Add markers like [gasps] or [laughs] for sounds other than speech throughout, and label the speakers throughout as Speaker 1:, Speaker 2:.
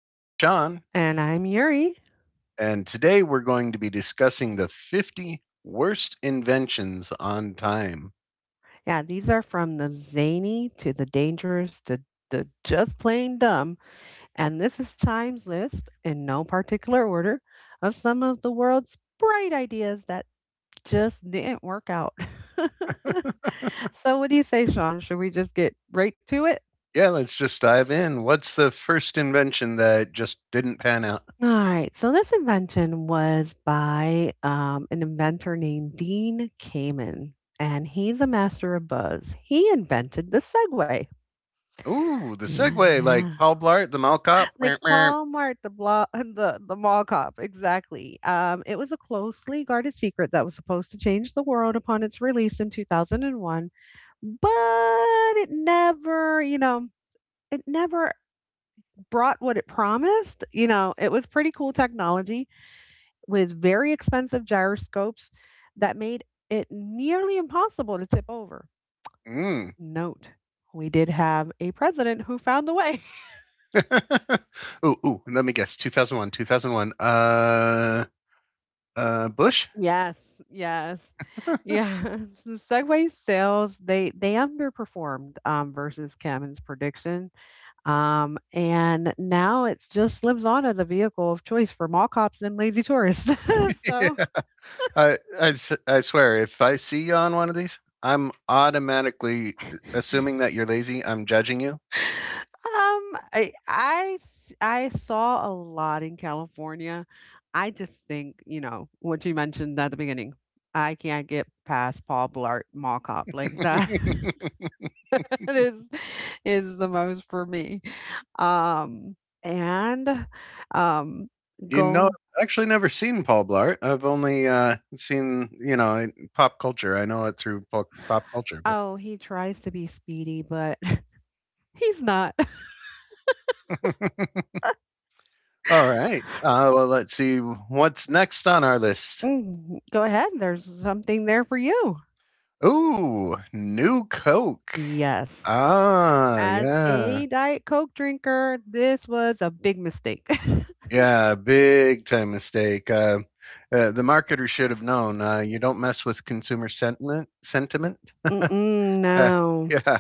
Speaker 1: I'm Sean,
Speaker 2: And I'm Yuri.
Speaker 1: and today we're going to be discussing the 50 worst inventions on time.
Speaker 2: Yeah, these are from the zany to the dangerous to the just plain dumb. And this is Time's list, in no particular order, of some of the world's bright ideas that just didn't work out.
Speaker 1: [laughs]
Speaker 2: [laughs] What do you say, Sean? Should we just get right to it?
Speaker 1: Yeah, let's just dive in. What's the first invention that just didn't pan out?
Speaker 2: All right. This invention was by an inventor named Dean Kamen, and he's a master of buzz. He invented the Segway.
Speaker 1: Ooh, the Segway,
Speaker 2: Yeah.
Speaker 1: like Paul Blart, the Mall Cop.
Speaker 2: Like
Speaker 1: Meow, meow.
Speaker 2: Paul-Mart, the blo [laughs] the mall cop, exactly. It was a closely guarded secret that was supposed to change the world upon its release in 2001, but it never, you know, it never brought what it promised. You know, it was pretty cool technology with very expensive gyroscopes that made it nearly impossible to tip over.
Speaker 1: Mm.
Speaker 2: Note, we did have a president who found a way.
Speaker 1: [laughs] Ooh, ooh, let me guess. 2001, 2001. Bush?
Speaker 2: Yes, yes. Yes. [laughs] The Segway sales, they underperformed versus Kevin's prediction. And now it just lives on as a vehicle of choice for mall cops and lazy tourists. [laughs] so
Speaker 1: [laughs] I swear, if I see you on one of these, I'm automatically assuming that you're lazy. I'm judging you.
Speaker 2: I saw a lot in California. I just think, you know, what you mentioned at the beginning, I can't get past Paul Blart mall cop like that. [laughs]
Speaker 1: [laughs]
Speaker 2: Is is the most for me. Um, and, um, go
Speaker 1: I've actually never seen Paul Blart. I've only seen, in pop culture. I know it through pop culture. But
Speaker 2: Oh, he tries to be speedy, but [laughs] he's not.
Speaker 1: all right. Well, let's see what's next on our list.
Speaker 2: Mm, go ahead, there's something there for you.
Speaker 1: Ooh, new Coke.
Speaker 2: Yes.
Speaker 1: Ah,
Speaker 2: As
Speaker 1: yeah.
Speaker 2: a Diet Coke drinker, this was a big mistake. [laughs]
Speaker 1: Yeah, big time mistake. The marketer should have known. You don't mess with consumer sentiment. Sentiment. [laughs]
Speaker 2: Mm-mm,
Speaker 1: Uh,
Speaker 2: no.
Speaker 1: yeah.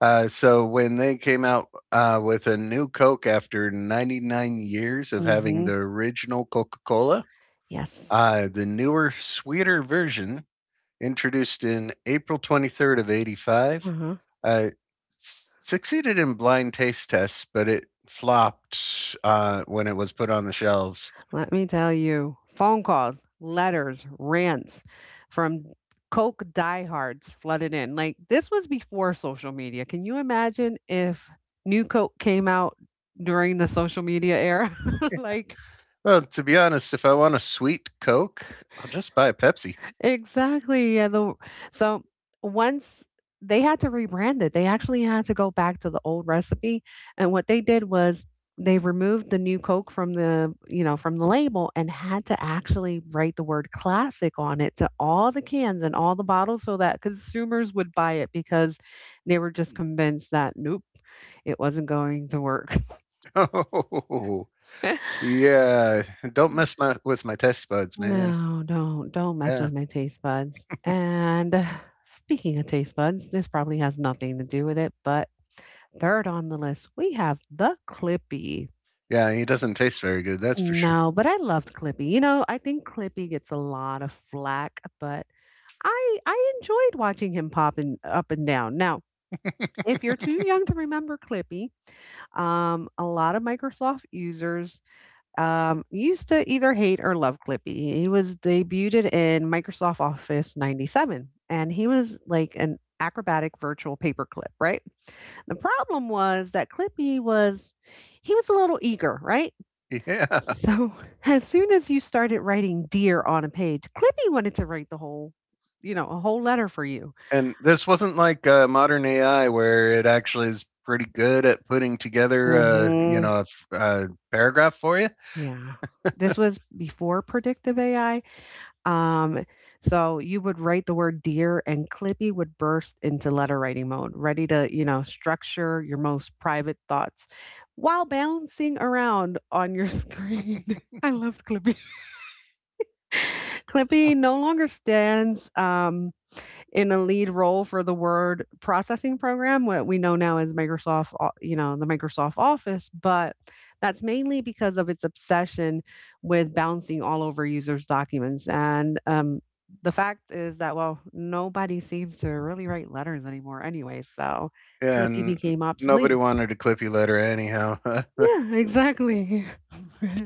Speaker 1: So when they came out with a new Coke after 99 years of having
Speaker 2: Mhm.
Speaker 1: the original Coca-Cola,
Speaker 2: Yes.
Speaker 1: the newer, sweeter version introduced in April 23rd of 85,
Speaker 2: Uh-huh.
Speaker 1: uh, succeeded in blind taste tests, but it flopped when it was put on the shelves.
Speaker 2: Let me tell you, phone calls, letters, rants from Coke diehards flooded in. Like, this was before social media. Can you imagine if new Coke came out during the social media era? [laughs] like
Speaker 1: Well, to be honest, if I want a sweet Coke, I'll just buy a Pepsi. [laughs]
Speaker 2: Exactly, yeah, the so once they had to rebrand it, they actually had to go back to the old recipe, and what they did was they removed the new Coke from the, from the label and had to actually write the word "classic" on it to all the cans and all the bottles so that consumers would buy it because they were just convinced that, nope, it wasn't going to work.
Speaker 1: Oh,
Speaker 2: [laughs]
Speaker 1: yeah. Don't mess with my taste buds, man.
Speaker 2: No, don't mess
Speaker 1: Yeah.
Speaker 2: with my taste buds. And [sighs] speaking of taste buds, this probably has nothing to do with it, but third on the list, we have the Clippy.
Speaker 1: Yeah, he doesn't taste very good, that's for sure.
Speaker 2: No, but I loved Clippy. You know, I think Clippy gets a lot of flack, but I enjoyed watching him popping up and down. Now, if you're too
Speaker 1: [laughs]
Speaker 2: young to remember Clippy, a lot of Microsoft users used to either hate or love Clippy. He was debuted in Microsoft Office 97, and he was like an acrobatic virtual paperclip, right? The problem was that Clippy was, He was a little eager, right?
Speaker 1: Yeah.
Speaker 2: So [laughs] as soon as you started writing dear on a page, Clippy wanted to write the whole, you know, a whole letter for you.
Speaker 1: And this wasn't like modern AI where it actually is pretty good at putting together,
Speaker 2: hmm
Speaker 1: a paragraph for you.
Speaker 2: Yeah. This was before predictive AI. Um, so you would write the word dear, and Clippy would burst into letter writing mode, ready to, you know, structure your most private thoughts while bouncing around on your [laughs] screen. I loved Clippy. [laughs] Clippy no longer stands in a lead role for the word processing program, what we know now as Microsoft, you know, the Microsoft Office, but that's mainly because of its obsession with bouncing all over users' documents. And The fact is that, well, nobody seems to really write letters anymore anyway. So Clippy
Speaker 1: And
Speaker 2: became
Speaker 1: nobody
Speaker 2: obsolete.
Speaker 1: wanted a clippy letter anyhow.
Speaker 2: Yeah, exactly. [laughs]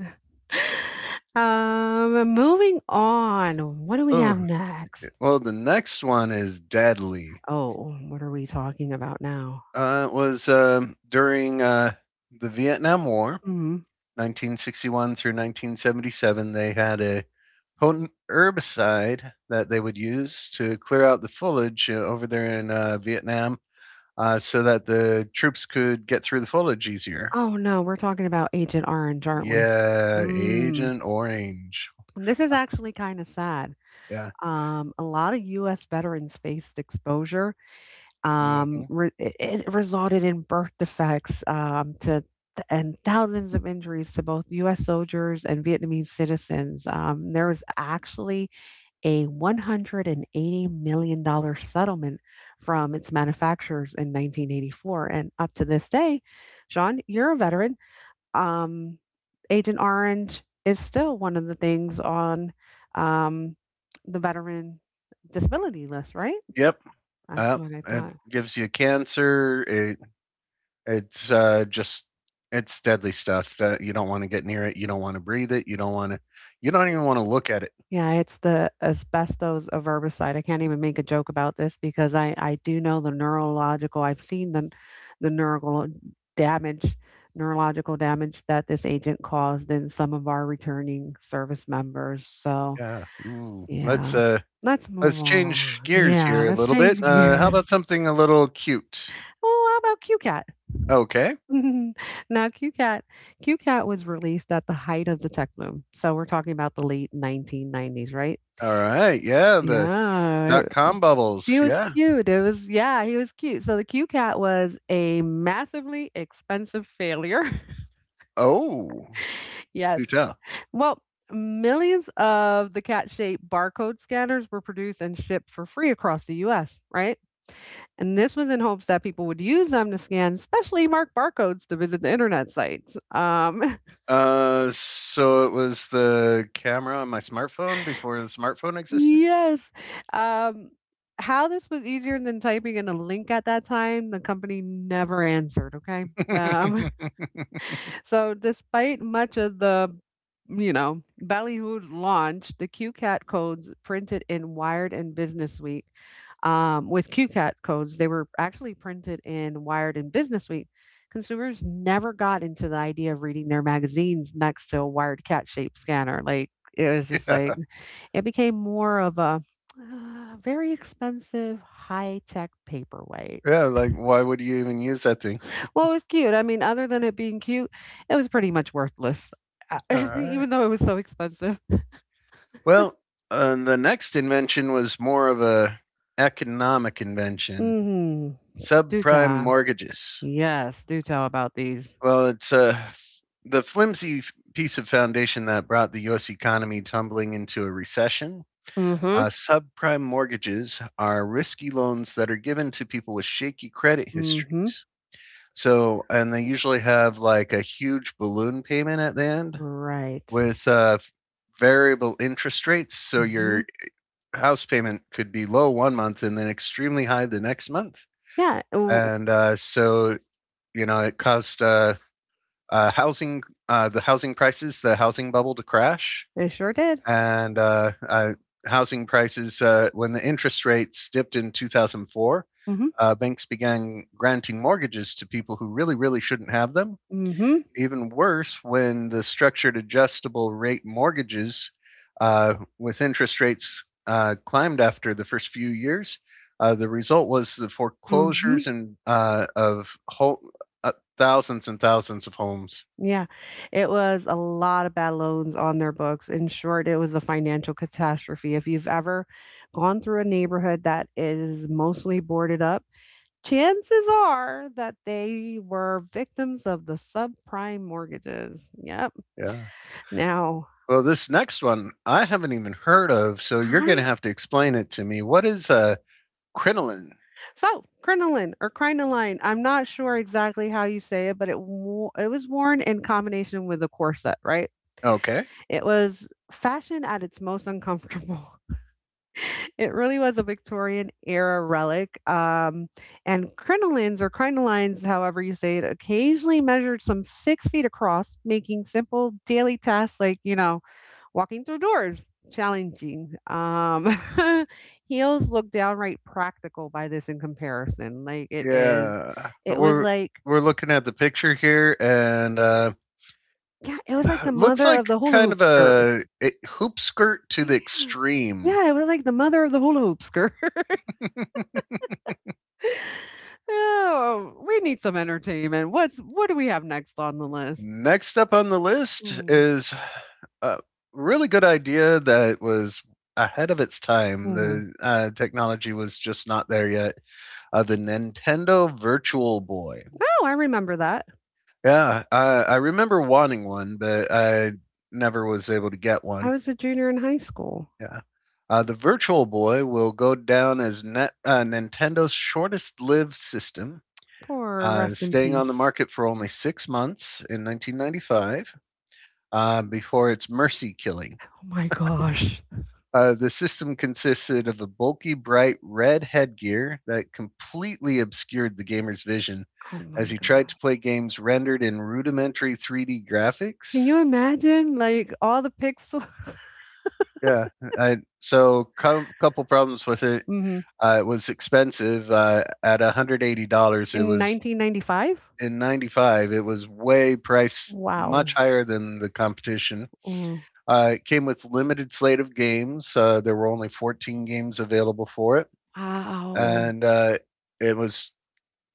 Speaker 2: Moving on. What do
Speaker 1: [laughs]
Speaker 2: we
Speaker 1: Oh,
Speaker 2: have next?
Speaker 1: well, the next one is deadly.
Speaker 2: Oh, what are we talking about now?
Speaker 1: It was during the Vietnam War,
Speaker 2: Mhm.
Speaker 1: 1961 through 1977. They had a potent herbicide that they would use to clear out the foliage over there in Vietnam, so that the troops could get through the foliage easier.
Speaker 2: Oh, no, we're talking about Agent Orange, aren't we?
Speaker 1: Yeah,
Speaker 2: Mm.
Speaker 1: Agent Orange.
Speaker 2: And this is actually kinda sad.
Speaker 1: Yeah.
Speaker 2: A lot of US veterans faced exposure,
Speaker 1: Hmm.
Speaker 2: re it it resulted in birth defects, to th and thousands of injuries to both US soldiers and Vietnamese citizens. There was actually a $180,000,000 settlement from its manufacturers in 1984, and up to this day, Sean, you're a veteran, um, Agent Orange is still one of the things on um, the veteran disability list, right?
Speaker 1: Yep.
Speaker 2: That's
Speaker 1: Uh,
Speaker 2: what I
Speaker 1: it
Speaker 2: thought.
Speaker 1: gives you cancer. It's just. It's deadly stuff. You don't want to get near it. You don't want to breathe it. You don't want to. You don't even want to look at it.
Speaker 2: Yeah, it's the asbestos a herbicide. I can't even make a joke about this because I do know the neurological. I've seen the neural damage, neurological damage that this agent caused in some of our returning service members. So
Speaker 1: Yeah. Ooh. Let's
Speaker 2: yeah,
Speaker 1: uh
Speaker 2: let's move
Speaker 1: let's change
Speaker 2: on.
Speaker 1: gears
Speaker 2: Yeah,
Speaker 1: here a
Speaker 2: let's
Speaker 1: little bit.
Speaker 2: change
Speaker 1: How
Speaker 2: gears.
Speaker 1: about something a little cute?
Speaker 2: Oh, how about QCAT?
Speaker 1: Okay.
Speaker 2: [laughs] Now Q Cat Q Cat was released at the height of the tech boom. So we're talking about the late 1990s, right?
Speaker 1: All right. Yeah. The
Speaker 2: Yeah,
Speaker 1: dot
Speaker 2: it-
Speaker 1: com bubbles.
Speaker 2: he was
Speaker 1: Yeah.
Speaker 2: cute. It was, yeah, he was cute. So the Q Cat was a massively expensive failure. [laughs]
Speaker 1: Oh, do
Speaker 2: Yes.
Speaker 1: tell.
Speaker 2: Well, millions of the cat shaped barcode scanners were produced and shipped for free across the US, right? And this was in hopes that people would use them to scan specially marked barcodes to visit the internet sites. [laughs]
Speaker 1: So it was the camera on my smartphone before the smartphone existed.
Speaker 2: Yes. Um, how this was easier than typing in a link at that time, the company never answered. Okay.
Speaker 1: [laughs]
Speaker 2: Um,
Speaker 1: Yeah.
Speaker 2: Despite much of the, ballyhooed launch, the QCAT codes printed in Wired and Businessweek, with QCAT codes, they were actually printed in Wired and Businessweek. Consumers never got into the idea of reading their magazines next to a wired cat shaped scanner. Like, it was just like, it became more of a very expensive high tech paperweight.
Speaker 1: Yeah. Like, why would you even use that thing?
Speaker 2: Well, it was cute. I mean, other than it being cute, it was pretty much worthless, uh,
Speaker 1: All
Speaker 2: [laughs]
Speaker 1: right.
Speaker 2: even though it was so expensive.
Speaker 1: Well, the next invention was more of a economic invention:
Speaker 2: Mhm. Do
Speaker 1: subprime
Speaker 2: tell.
Speaker 1: mortgages.
Speaker 2: Yes, do tell about these.
Speaker 1: Well, it's the flimsy piece of foundation that brought the U.S. economy tumbling into a recession.
Speaker 2: Mhm.
Speaker 1: Subprime mortgages are risky loans that are given to people with shaky credit
Speaker 2: Mhm.
Speaker 1: histories. So, and they usually have like a huge balloon payment at the end
Speaker 2: Right.
Speaker 1: with variable interest rates. So your
Speaker 2: Mhm.
Speaker 1: house payment could be low one month and then extremely high the next month.
Speaker 2: Yeah, ooh,
Speaker 1: And so, it caused uh, housing, the housing prices, the housing bubble to crash.
Speaker 2: it sure did.
Speaker 1: And housing prices, when the interest rates dipped in 2004,
Speaker 2: Mhm.
Speaker 1: banks began granting mortgages to people who really, really shouldn't have them,
Speaker 2: Mhm.
Speaker 1: even worse when the structured adjustable rate mortgages with interest rates climbed after the first few years. The result was the foreclosures
Speaker 2: Mhm.
Speaker 1: and of whole, uh, thousands and thousands of homes.
Speaker 2: Yeah. It was a lot of bad loans on their books. In short, it was a financial catastrophe. If you've ever gone through a neighborhood that is mostly boarded up, chances are that they were victims of the subprime mortgages. Yep.
Speaker 1: Yeah.
Speaker 2: Now,
Speaker 1: Well, this next one I haven't even heard of, so you're going
Speaker 2: I
Speaker 1: to have to explain it to me. What is crinoline?
Speaker 2: so crinoline or crinoline. I'm not sure exactly how you say it, but it was worn in combination with a corset, right?
Speaker 1: Okay.
Speaker 2: It was fashion at its most uncomfortable. [laughs] It really was a Victorian era relic. And crinolines or crinolines, however you say it, occasionally measured some 6 feet across, making simple daily tasks like, you know, walking through doors challenging [laughs] heels look downright practical by this in comparison. Like it is
Speaker 1: Yeah.
Speaker 2: it was
Speaker 1: We're
Speaker 2: like
Speaker 1: we're looking at the picture here, and
Speaker 2: Yeah,
Speaker 1: [sighs]
Speaker 2: it was like the
Speaker 1: Looks
Speaker 2: mother
Speaker 1: like
Speaker 2: of the hula
Speaker 1: kind
Speaker 2: hoop
Speaker 1: of
Speaker 2: skirt.
Speaker 1: a hoop skirt to
Speaker 2: Yeah
Speaker 1: the extreme.
Speaker 2: yeah it was like the mother of the hula hoop skirt
Speaker 1: [laughs]
Speaker 2: [laughs] Oh, we need some entertainment. What do we have next on the list?
Speaker 1: Next up on the list
Speaker 2: Mm-hmm.
Speaker 1: is a really good idea that was ahead of its time.
Speaker 2: Oh,
Speaker 1: The technology was just not there yet. The Nintendo Virtual Boy.
Speaker 2: I remember that.
Speaker 1: Yeah, I remember wanting one, but I never was able to get
Speaker 2: I
Speaker 1: one.
Speaker 2: was a junior in high school.
Speaker 1: Yeah. The Virtual Boy will go down as Nintendo's shortest lived system.
Speaker 2: Poor, rest in
Speaker 1: Staying on the
Speaker 2: peace.
Speaker 1: market for only 6 months in 1995 before its mercy killing.
Speaker 2: Oh my gosh.
Speaker 1: The system consisted of a bulky, bright red headgear that completely obscured the gamer's vision
Speaker 2: Oh
Speaker 1: as
Speaker 2: my
Speaker 1: he tried to
Speaker 2: gosh.
Speaker 1: play games rendered in rudimentary 3D
Speaker 2: Can
Speaker 1: graphics.
Speaker 2: you imagine like all the pixels?
Speaker 1: Yeah, so couple problems with it.
Speaker 2: [laughs] Mhm.
Speaker 1: It was expensive at $180. It
Speaker 2: In
Speaker 1: was
Speaker 2: 1995?
Speaker 1: in 95. It was way priced much
Speaker 2: Wow.
Speaker 1: higher than the competition.
Speaker 2: Mm.
Speaker 1: It came with limited slate of games. There were only 14 games available for it,
Speaker 2: Wow.
Speaker 1: and it was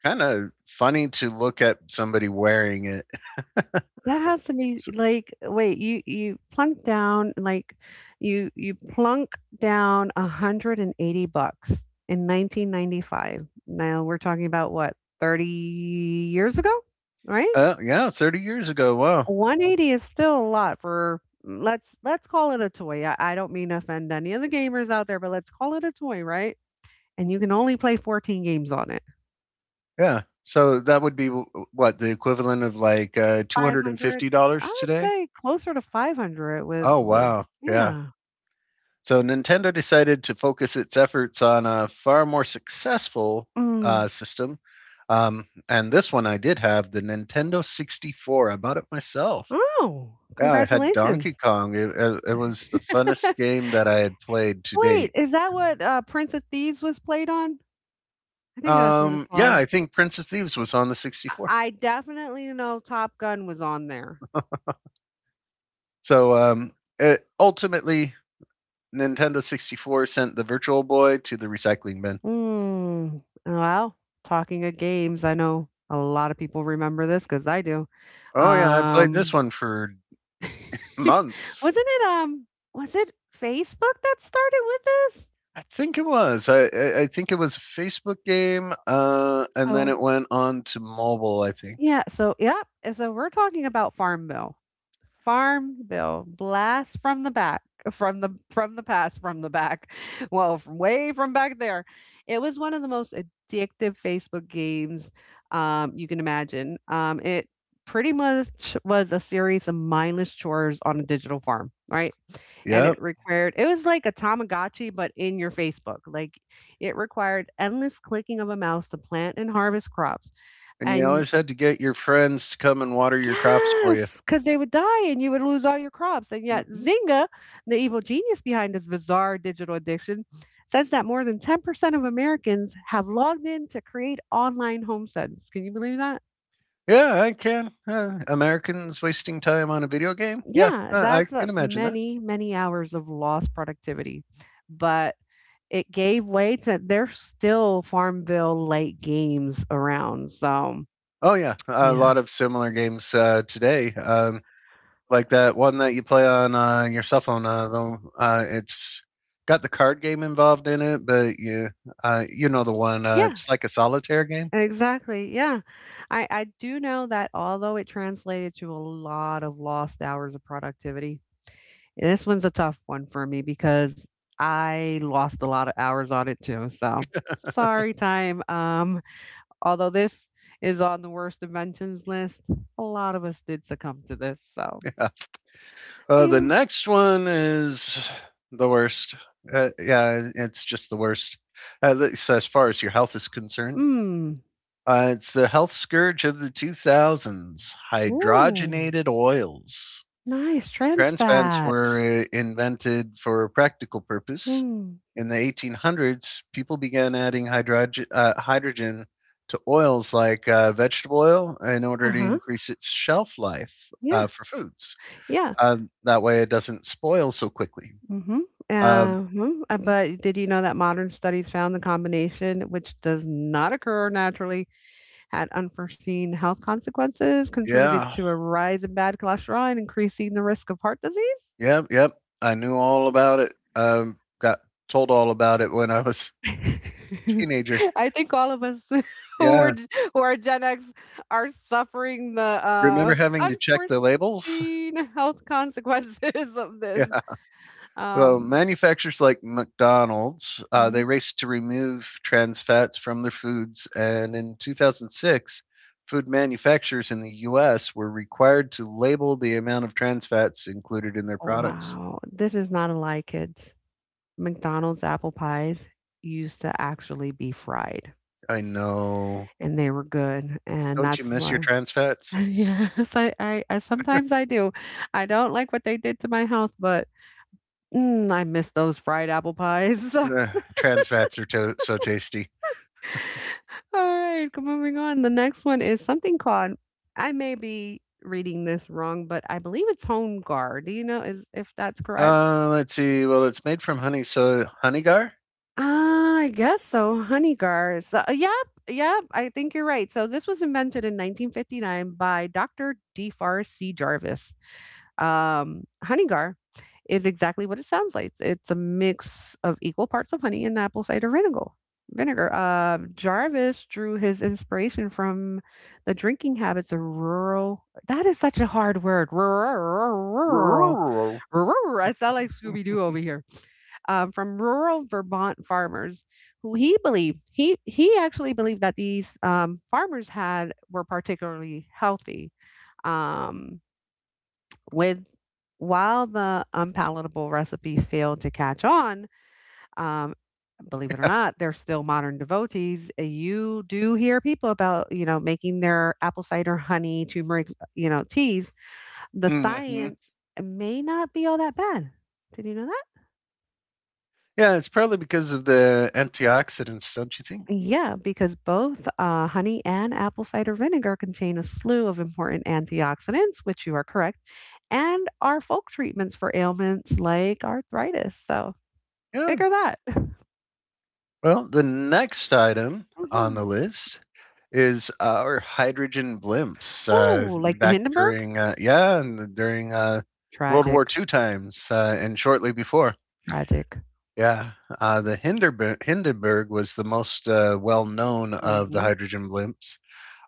Speaker 1: kind of funny to look at somebody wearing it.
Speaker 2: That has to be
Speaker 1: So,
Speaker 2: like wait, you plunk down like You plunk down 180 bucks in 1995. Now we're talking about what, 30 years ago, right?
Speaker 1: yeah, 30 years ago. Wow.
Speaker 2: 180 is still a lot for let's call it a toy. I don't mean to offend any of the gamers out there, but let's call it a toy, right? And you can only play 14 games on it.
Speaker 1: Yeah. So that would be what the equivalent of like
Speaker 2: 500, I
Speaker 1: $250
Speaker 2: would
Speaker 1: today.
Speaker 2: say closer to 500 with
Speaker 1: Oh
Speaker 2: with
Speaker 1: wow. Yeah.
Speaker 2: yeah.
Speaker 1: So Nintendo decided to focus its efforts on a far more successful
Speaker 2: Mm.
Speaker 1: system. And this one I did have the Nintendo 64. I bought it myself.
Speaker 2: Oh,
Speaker 1: Yeah, I had Donkey
Speaker 2: congratulations.
Speaker 1: Kong. It was the funnest
Speaker 2: [laughs]
Speaker 1: game that I had played to
Speaker 2: Wait,
Speaker 1: date.
Speaker 2: is that what Prince of Thieves was played on? I think that's what it's
Speaker 1: Yeah,
Speaker 2: called.
Speaker 1: I think Princess Thieves was on the 64.
Speaker 2: I definitely know Top Gun was on there.
Speaker 1: So ultimately, Nintendo 64 sent the Virtual Boy to the recycling bin.
Speaker 2: Mm. Well, talking of games, I know a lot of people remember this because I do.
Speaker 1: Oh, yeah, I played this
Speaker 2: Um,
Speaker 1: one for [laughs]
Speaker 2: [laughs]
Speaker 1: months.
Speaker 2: Wasn't it, was it Facebook that started with this?
Speaker 1: I think it was. I think it was a Facebook game, and then it
Speaker 2: So
Speaker 1: went on to mobile. I think.
Speaker 2: Yeah, so yep, and so we're talking about Farm Bill. Farm Bill, blast from the back, from the past, from the back. [laughs] Well, from way from back there. It was one of the most addictive Facebook games you can imagine. It pretty much was a series of mindless chores on a digital farm, right? And it
Speaker 1: Yep.
Speaker 2: required It was like a Tamagotchi, but in your Facebook. Like, it required endless clicking of a mouse to plant and harvest crops
Speaker 1: And you
Speaker 2: and
Speaker 1: always had to get your friends to come and water your crops for you.
Speaker 2: Yes, because they would die and you would lose all your crops, and yet
Speaker 1: Hmm.
Speaker 2: Zynga, the evil genius behind this bizarre digital addiction, says that more than 10% of Americans have logged in to create online homesteads. Can you believe that?
Speaker 1: Yeah, I can. Americans wasting time on a video game. Yeah,
Speaker 2: Yeah,
Speaker 1: I
Speaker 2: that's
Speaker 1: can imagine that.
Speaker 2: many, many hours of lost productivity. But it gave way to there's still Farmville light games around, so
Speaker 1: Oh yeah, a
Speaker 2: yeah.
Speaker 1: lot of similar games today, like that one that you play on your cell phone. Though it's got the card game involved in it, but you know the one.
Speaker 2: Yeah.
Speaker 1: It's like a solitaire game.
Speaker 2: Exactly, yeah. I do know that although it translated to a lot of lost hours of productivity, this one's a tough one for me because I lost a lot of hours on it too, so sorry, time. Although this is on the worst inventions list, a lot of us did succumb to this, so
Speaker 1: Yeah. The
Speaker 2: yeah.
Speaker 1: next one is the worst. Yeah, it's just the worst, at least as far as your health is concerned.
Speaker 2: Mm.
Speaker 1: It's the health scourge of the 2000s
Speaker 2: Ooh,
Speaker 1: hydrogenated oils.
Speaker 2: nice, trans
Speaker 1: Trans fats
Speaker 2: fats.
Speaker 1: were invented for a practical purpose.
Speaker 2: Mm.
Speaker 1: In the 1800s, people began adding hydrogen, hydrogen to oils like vegetable oil in order to
Speaker 2: Uh-huh.
Speaker 1: increase its shelf life
Speaker 2: Yeah,
Speaker 1: for foods.
Speaker 2: yeah.
Speaker 1: That way, it doesn't spoil so quickly.
Speaker 2: Mm-hmm.
Speaker 1: Um,
Speaker 2: Mhm. Uh-huh.
Speaker 1: mhm.
Speaker 2: But did you know that modern studies found the combination, which does not occur naturally, had unforeseen health consequences, contributed
Speaker 1: Yeah,
Speaker 2: to a rise in bad cholesterol and increasing the risk of heart disease?
Speaker 1: yep, yep. I knew all about it. Got told all about it when I was
Speaker 2: [laughs]
Speaker 1: a teenager.
Speaker 2: I think all of us [laughs] who are
Speaker 1: Yeah,
Speaker 2: g- who are Gen X are suffering the
Speaker 1: remember having to check the labels? [laughs]
Speaker 2: unforeseen health consequences of this.
Speaker 1: Yeah. Well,
Speaker 2: Um,
Speaker 1: manufacturers like McDonald's,
Speaker 2: mhm.
Speaker 1: they raced to remove trans fats from their foods, and in 2006, food manufacturers in the U.S. were required to label the amount of trans fats included in their products.
Speaker 2: Wow, this is not a lie, kids. McDonald's apple pies used to actually be fried,
Speaker 1: I know.
Speaker 2: and they were good, and
Speaker 1: Don't you
Speaker 2: that's
Speaker 1: miss your
Speaker 2: why.
Speaker 1: trans
Speaker 2: [laughs]
Speaker 1: fats?
Speaker 2: Yes, I sometimes I do. I don't like what they did to my house, but, mm, I miss those fried apple pies.
Speaker 1: Ugh,
Speaker 2: [laughs]
Speaker 1: trans fats are so tasty.
Speaker 2: Alright, g moving on, the next one is something called, I may be reading this wrong, but I believe it's home guard, do you know is if that's correct?
Speaker 1: Let's see. Well, it's made from honey, so honeygar.
Speaker 2: Ah, I guess so. Honeygars. Yep, yep. I think you're right. So this was invented in 1959 by Dr. DeFar C. Jarvis. Honeygar is exactly what it sounds like. It's a mix of equal parts of honey and apple cider vinegar. Vinegar. Jarvis drew his inspiration from the drinking habits of rural. That is such a hard word. Rural.
Speaker 1: Hmm.
Speaker 2: Rural. I sound like Scooby Doo over here, from rural Vermont farmers, who he believed he actually believed that these farmers had were particularly healthy. Um, with While the unpalatable recipe failed to catch on, um, believe it or not, they're still modern devotees. You do hear people about, you know, making their apple cider honey, turmeric, you know, teas. The science may not be all that bad. Did you know that?
Speaker 1: Yeah, it's probably because of the antioxidants, don't you think?
Speaker 2: Yeah, because both honey and apple cider vinegar contain a slew of important antioxidants, which you are correct, and are folk treatments for ailments like arthritis. So
Speaker 1: Yeah.
Speaker 2: figure that. [laughs]
Speaker 1: Well, the next item on
Speaker 2: Hmm.
Speaker 1: the list is our hydrogen blimps.
Speaker 2: Ooh, like the
Speaker 1: Back
Speaker 2: Hindenburg?
Speaker 1: during, yeah, and during World War
Speaker 2: Tragic,
Speaker 1: II times and shortly before.
Speaker 2: tragic.
Speaker 1: Yeah, the Hinderberg, Hindenburg was the most well known of the
Speaker 2: Hmm.
Speaker 1: hydrogen blimps.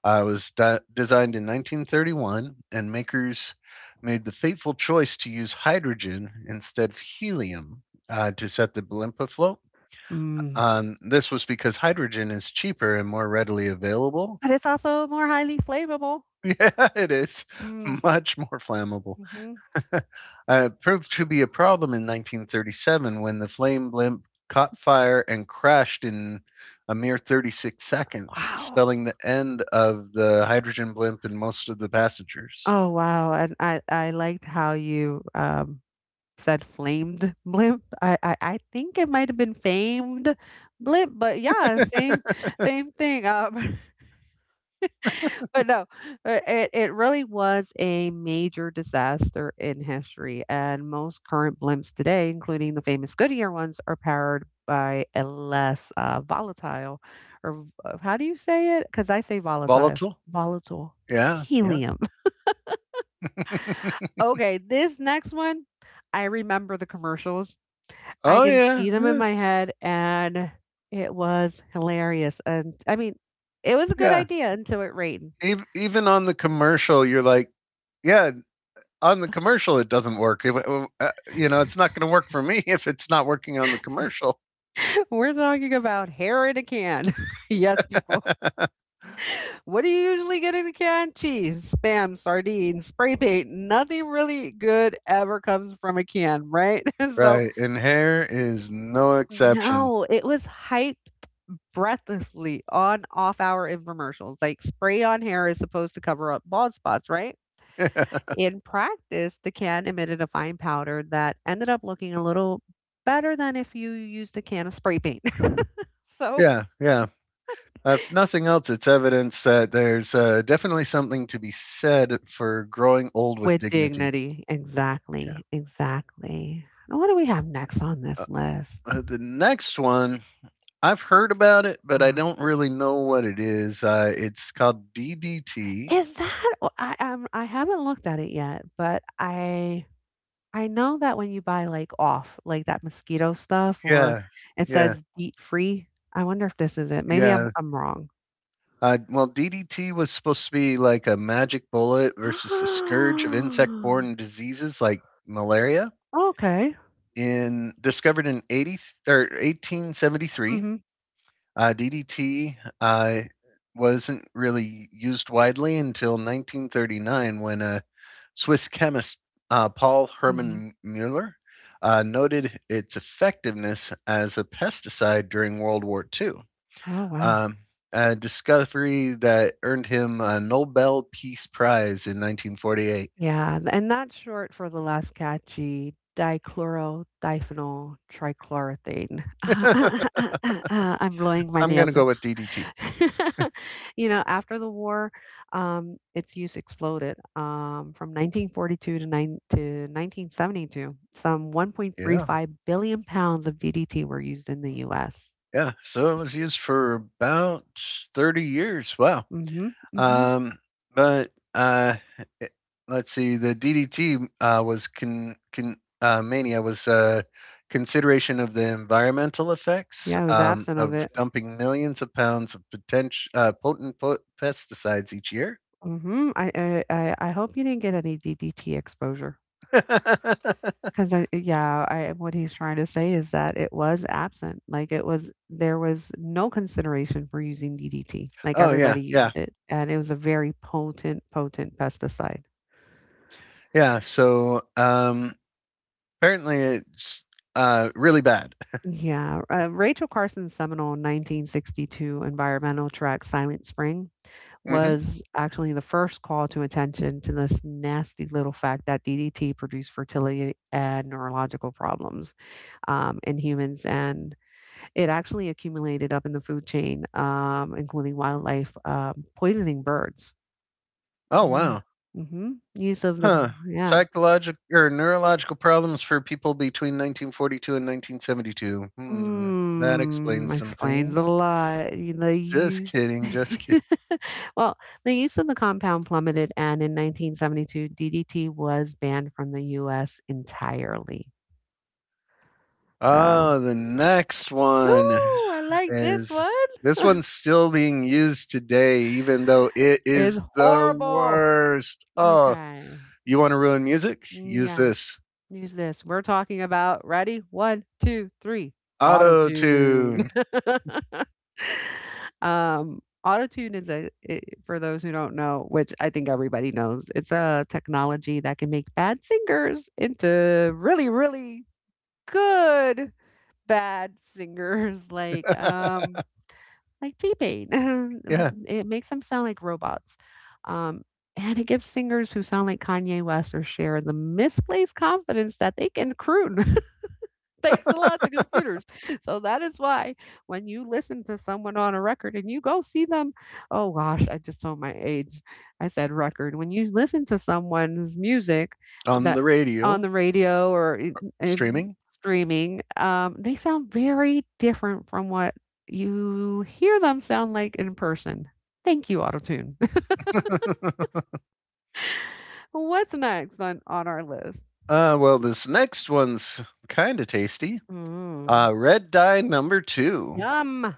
Speaker 1: It was designed in 1931, and makers made the fateful choice to use hydrogen instead of helium to set the blimp afloat.
Speaker 2: Mm.
Speaker 1: This was because hydrogen is cheaper and more readily available.
Speaker 2: But
Speaker 1: [laughs]
Speaker 2: it's also more highly flammable.
Speaker 1: Yeah, it is
Speaker 2: Mm.
Speaker 1: much more flammable.
Speaker 2: Hmm.
Speaker 1: [laughs] uh, it proved to be a problem in 1937 when the flame blimp caught fire and crashed in a mere 36 seconds,
Speaker 2: Wow.
Speaker 1: spelling the end of the hydrogen blimp and most of the passengers.
Speaker 2: Oh wow. And I liked how you said flamed blimp. I think it might have been famed blimp, but yeah, same
Speaker 1: [laughs]
Speaker 2: same thing. [laughs] But no, it really was a major disaster in history, and most current blimps today, including the famous Goodyear ones, are powered by a less volatile, or how do you say it? Because I say volatile,
Speaker 1: Volatile?
Speaker 2: volatile
Speaker 1: Yeah, yeah.
Speaker 2: helium. [laughs]
Speaker 1: [laughs]
Speaker 2: Okay, this next one, I remember the commercials, I
Speaker 1: Oh,
Speaker 2: can
Speaker 1: yeah,
Speaker 2: see them in
Speaker 1: yeah,
Speaker 2: my head, and it was hilarious, and I mean, it was a good
Speaker 1: yeah.
Speaker 2: idea until it rained.
Speaker 1: Even on the commercial, you're like, yeah, on the commercial it doesn't work. It's not going to work for me [laughs] if it's not working on the commercial.
Speaker 2: [laughs] We're talking about hair in a can. [laughs] Yes, people.
Speaker 1: [laughs]
Speaker 2: What do you usually get in a can? Cheese, Spam, sardines, spray paint. Nothing really good ever comes from a can, right? [laughs] So,
Speaker 1: Right, and hair is no exception.
Speaker 2: no, it was hyped breathlessly on off-hour infomercials. Like, spray on hair is supposed to cover up bald spots, right?
Speaker 1: [laughs]
Speaker 2: In practice, the can emitted a fine powder that ended up looking a little better than if you used a can of spray paint. [laughs] So,
Speaker 1: Yeah, yeah. If nothing else, it's evidence that there's definitely something to be said for growing old with
Speaker 2: with
Speaker 1: dignity.
Speaker 2: dignity.
Speaker 1: Yeah.
Speaker 2: Exactly. Exactly. Now, what do we have next on
Speaker 1: Uh,
Speaker 2: this list?
Speaker 1: the next one, I've heard about it, but I
Speaker 2: Hmm.
Speaker 1: don't really know what it is. It's called DDT.
Speaker 2: Is that, oh, I haven't looked at it yet, but I know that when you buy like off like that mosquito stuff, or
Speaker 1: Yeah,
Speaker 2: it
Speaker 1: yeah,
Speaker 2: says DEET free. I wonder if this is it. Maybe I'm
Speaker 1: yeah.
Speaker 2: I'm wrong.
Speaker 1: Well, DDT was supposed to be like a magic bullet versus the scourge of
Speaker 2: [gasps]
Speaker 1: insect-borne diseases like malaria.
Speaker 2: Okay.
Speaker 1: In Discovered in 80 or 1873,
Speaker 2: Mm-hmm.
Speaker 1: DDT wasn't really used widely until 1939 when a Swiss chemist Paul
Speaker 2: Mhm.
Speaker 1: Hermann Müller noted its effectiveness as a pesticide during World War II.
Speaker 2: Oh, wow.
Speaker 1: Um, a discovery that earned him a Nobel Peace Prize in 1948.
Speaker 2: Yeah, th and that's short for the last catchy dichloro-diphenyl trichloroethane.
Speaker 1: [laughs]
Speaker 2: [laughs] I'm blowing my
Speaker 1: I'm going to
Speaker 2: nails
Speaker 1: go
Speaker 2: out.
Speaker 1: with DDT.
Speaker 2: [laughs] You know, after the war, its use exploded, from 1942 to 1972, some
Speaker 1: Yeah,
Speaker 2: 1.35 billion pounds of DDT were used in the US.
Speaker 1: yeah. So it was used for about 30 years. Wow.
Speaker 2: Mhm, mhm.
Speaker 1: Um, but it- let's see. The DDT was con, con mania was consideration of the environmental effects
Speaker 2: Yeah, I was absent of
Speaker 1: of
Speaker 2: it.
Speaker 1: dumping millions of pounds of pesticides each year.
Speaker 2: Mhm. I hope you didn't get any DDT exposure.
Speaker 1: [laughs]
Speaker 2: 'Cause I yeah, I what he's trying to say is that it was absent, like, it was there was no consideration for using DDT, like,
Speaker 1: Oh
Speaker 2: everybody used it, and it was a very potent, potent pesticide.
Speaker 1: yeah. So apparently it's really bad.
Speaker 2: Yeah, Rachel Carson's seminal 1962 environmental tract Silent Spring
Speaker 1: Hmm.
Speaker 2: was actually the first call to attention to this nasty little fact that DDT produced fertility and neurological problems, in humans, and it actually accumulated up in the food chain, including wildlife, poisoning birds.
Speaker 1: Oh
Speaker 2: Yeah.
Speaker 1: wow,
Speaker 2: Mhm. Use of the,
Speaker 1: huh?
Speaker 2: oh, yeah.
Speaker 1: Psychological or neurological problems for people between 1942 and 1972. Hmm, that
Speaker 2: Mm,
Speaker 1: explains some
Speaker 2: explains
Speaker 1: things.
Speaker 2: a lot. You know,
Speaker 1: Just
Speaker 2: you
Speaker 1: kidding, just
Speaker 2: [laughs]
Speaker 1: kidding.
Speaker 2: Well, the use of the compound plummeted, and in 1972, DDT was banned from the US entirely. So,
Speaker 1: Oh, the next one
Speaker 2: ooh, I like this
Speaker 1: is this
Speaker 2: one.
Speaker 1: one's
Speaker 2: [laughs]
Speaker 1: still being used today, even though it
Speaker 2: It's
Speaker 1: is the
Speaker 2: horrible.
Speaker 1: worst. Oh,
Speaker 2: Okay.
Speaker 1: you want to ruin music? Use
Speaker 2: Yeah.
Speaker 1: this.
Speaker 2: Use this. We're talking about, ready? One, two, three.
Speaker 1: Auto
Speaker 2: Auto-tune.
Speaker 1: tune.
Speaker 2: [laughs] Auto-tune is a I For those who don't know, which I think everybody knows, it's a technology that can make bad singers into really, really good bad singers. [laughs]
Speaker 1: [laughs]
Speaker 2: Like T-Pain.
Speaker 1: Yeah,
Speaker 2: [laughs] It makes them sound like robots. Um, and it gives singers who sound like Kanye West or Cher the misplaced confidence that they can croon. Thanks a lot to computers. So that is why, when you listen to someone on a record and you go see them, oh gosh, I just told my age. I said record. When you listen to someone's music
Speaker 1: on
Speaker 2: that
Speaker 1: the
Speaker 2: on
Speaker 1: radio,
Speaker 2: the radio is
Speaker 1: streaming.
Speaker 2: streaming, they sound very different from what you hear them sound like in person. Thank you, Autotune.
Speaker 1: [laughs] uh,
Speaker 2: [laughs] What's next on our list?
Speaker 1: well, this next one's kind of tasty.
Speaker 2: Mm.
Speaker 1: Red dye number two.
Speaker 2: Yum.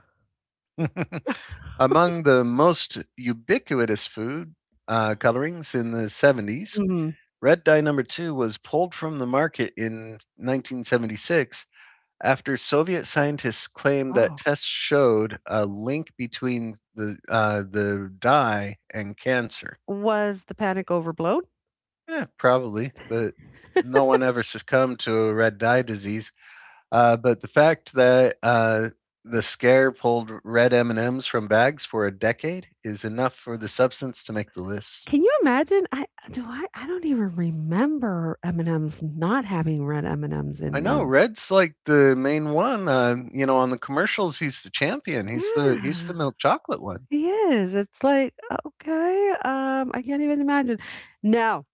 Speaker 1: Among the most ubiquitous food colorings in the 70s,
Speaker 2: Mhm.
Speaker 1: red dye number two was pulled from the market in 1976 after Soviet scientists claimed that
Speaker 2: Oh.
Speaker 1: tests showed a link between the dye and cancer.
Speaker 2: Was the panic overblown?
Speaker 1: Yeah, probably, but no one ever succumbed to a red dye disease. But the fact that the scare pulled red M and M's from bags for a decade is enough for the substance to make the list.
Speaker 2: Can you imagine? I do I don't even remember M&Ms not having red M&Ms
Speaker 1: I
Speaker 2: in
Speaker 1: know
Speaker 2: them.
Speaker 1: red's like the main one. You know, on the commercials, he's the champion. He's the
Speaker 2: Yeah.
Speaker 1: milk chocolate one.
Speaker 2: He is. It's like, okay, I can't even imagine. No,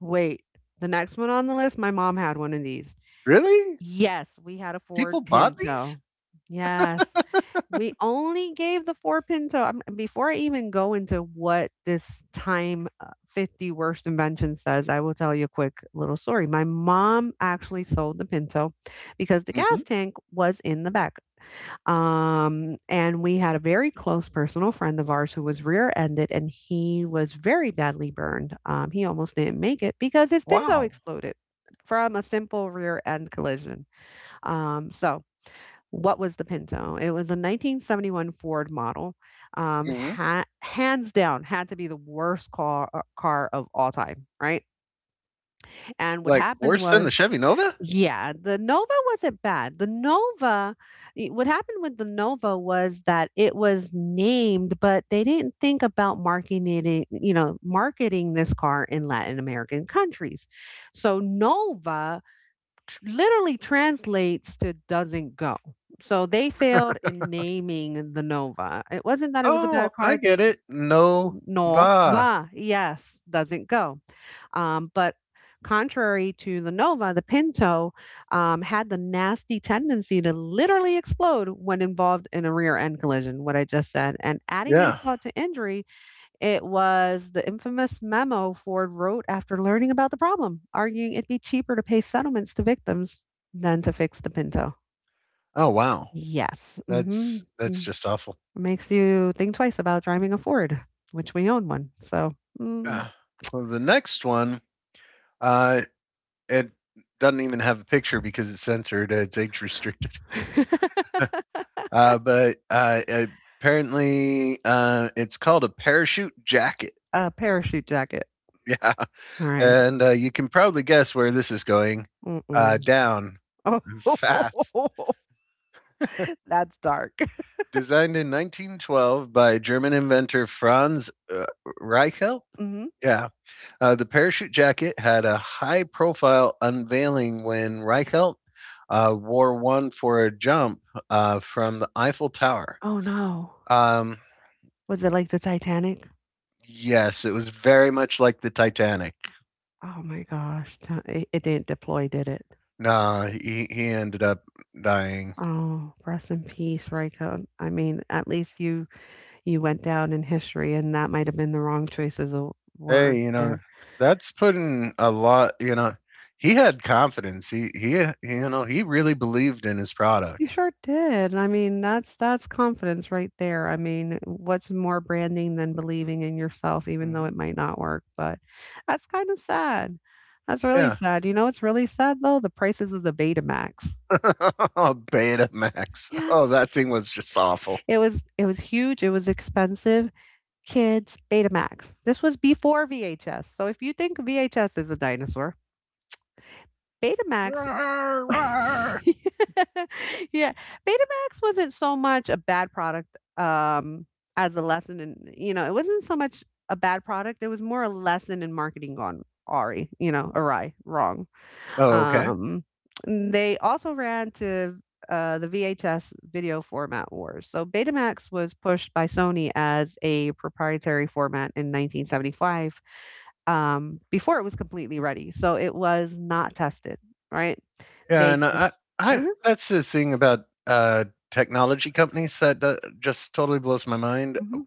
Speaker 2: wait. The next one on the list, my mom had one of these.
Speaker 1: Really?
Speaker 2: Yes, we had a Ford
Speaker 1: People bought these?
Speaker 2: Pinto. Yes. We only gave the Ford pinto. I'm before I even go into what this time, 50 worst invention says, I will tell you a quick little story. My mom actually sold the Pinto because the
Speaker 1: Hmm.
Speaker 2: gas tank was in the back. And we had a very close personal friend of ours who was rear-ended, and he was very badly burned. He almost didn't make it because his Pinto
Speaker 1: Wow.
Speaker 2: exploded from a simple rear-end collision. So what was the Pinto? It was a 1971 Ford model.
Speaker 1: Hmm.
Speaker 2: Hands down, had to be the worst car car of all time, right? And what
Speaker 1: Like
Speaker 2: happened
Speaker 1: worse than the
Speaker 2: was,
Speaker 1: Chevy Nova?
Speaker 2: yeah, the Nova wasn't bad. The Nova, what happened with the Nova was that it was named, but they didn't think about marketing it, you know, marketing this car in Latin American countries. So Nova literally translates to doesn't go. So they failed in naming the Nova. It wasn't that it was a
Speaker 1: Oh,
Speaker 2: bad
Speaker 1: I
Speaker 2: card, they
Speaker 1: get
Speaker 2: just
Speaker 1: it.
Speaker 2: no,
Speaker 1: Nova.
Speaker 2: va, yes, doesn't go. But contrary to the Nova, the Pinto had the nasty tendency to literally explode when involved in a rear end collision, what I just said. And adding
Speaker 1: Yeah.
Speaker 2: insult to injury, it was the infamous memo Ford wrote after learning about the problem, arguing it'd be cheaper to pay settlements to victims than to fix the Pinto.
Speaker 1: Oh, wow.
Speaker 2: Yes. Hmm.
Speaker 1: That's just awful.
Speaker 2: Makes you think twice about driving a Ford, which we own one. So, mm,
Speaker 1: Yeah. Well, the next one, uh, it doesn't even have a picture because it's censored. It's age restricted. [laughs] But apparently, it's called a parachute jacket.
Speaker 2: a parachute jacket.
Speaker 1: [laughs] Yeah,
Speaker 2: All right.
Speaker 1: and you can probably guess where this is going.
Speaker 2: Mm-mm.
Speaker 1: Down,
Speaker 2: Oh,
Speaker 1: fast.
Speaker 2: [laughs] that's dark.
Speaker 1: Designed in 1912 by German inventor Franz Reichelt.
Speaker 2: Hmm.
Speaker 1: Yeah. The parachute jacket had a high profile unveiling when Reichelt wore one for a jump from the Eiffel Tower.
Speaker 2: Oh, no.
Speaker 1: Um,
Speaker 2: Was it like the Titanic?
Speaker 1: yes, it was very much like the Titanic.
Speaker 2: Oh, my gosh. It, it didn't deploy, did it?
Speaker 1: Nah, he ended up dying.
Speaker 2: Oh, rest in peace, Ryko. I mean, at least you you went down in history, and that might have been the wrong choices of
Speaker 1: Hey,
Speaker 2: words
Speaker 1: you know,
Speaker 2: there.
Speaker 1: that's putting a lot, you know, he had confidence. You know, he really believed in his product.
Speaker 2: You sure did. I mean, that's confidence right there. I mean, what's more branding than believing in yourself, even though
Speaker 1: Hmm.
Speaker 2: it might not work? But that's kind of sad. That's really
Speaker 1: Yeah.
Speaker 2: sad. You know it's really sad though? The prices of the Betamax.
Speaker 1: [laughs] Oh, Beta Max. Oh, that
Speaker 2: Yes.
Speaker 1: thing was just awful.
Speaker 2: It was huge. It was expensive. Kids, Betamax. This was before VHS. So if you think VHS is a dinosaur, Betamax
Speaker 1: "Rar,
Speaker 2: [laughs]
Speaker 1: rar."
Speaker 2: Yeah, Betamax wasn't so much a bad product, um, as a lesson in, you know, it wasn't so much a bad product, it was more a lesson in marketing gone awry, you know, awry, wrong.
Speaker 1: Oh, okay.
Speaker 2: Um, they also ran to the VHS video format wars. So Betamax was pushed by Sony as a proprietary format in 1975, before it was completely ready. So it was not tested, right? Yeah.
Speaker 1: Yeah,
Speaker 2: They
Speaker 1: and
Speaker 2: just,
Speaker 1: I
Speaker 2: mhm,
Speaker 1: that's the thing about, technology companies that just totally blows my mind.
Speaker 2: mhm,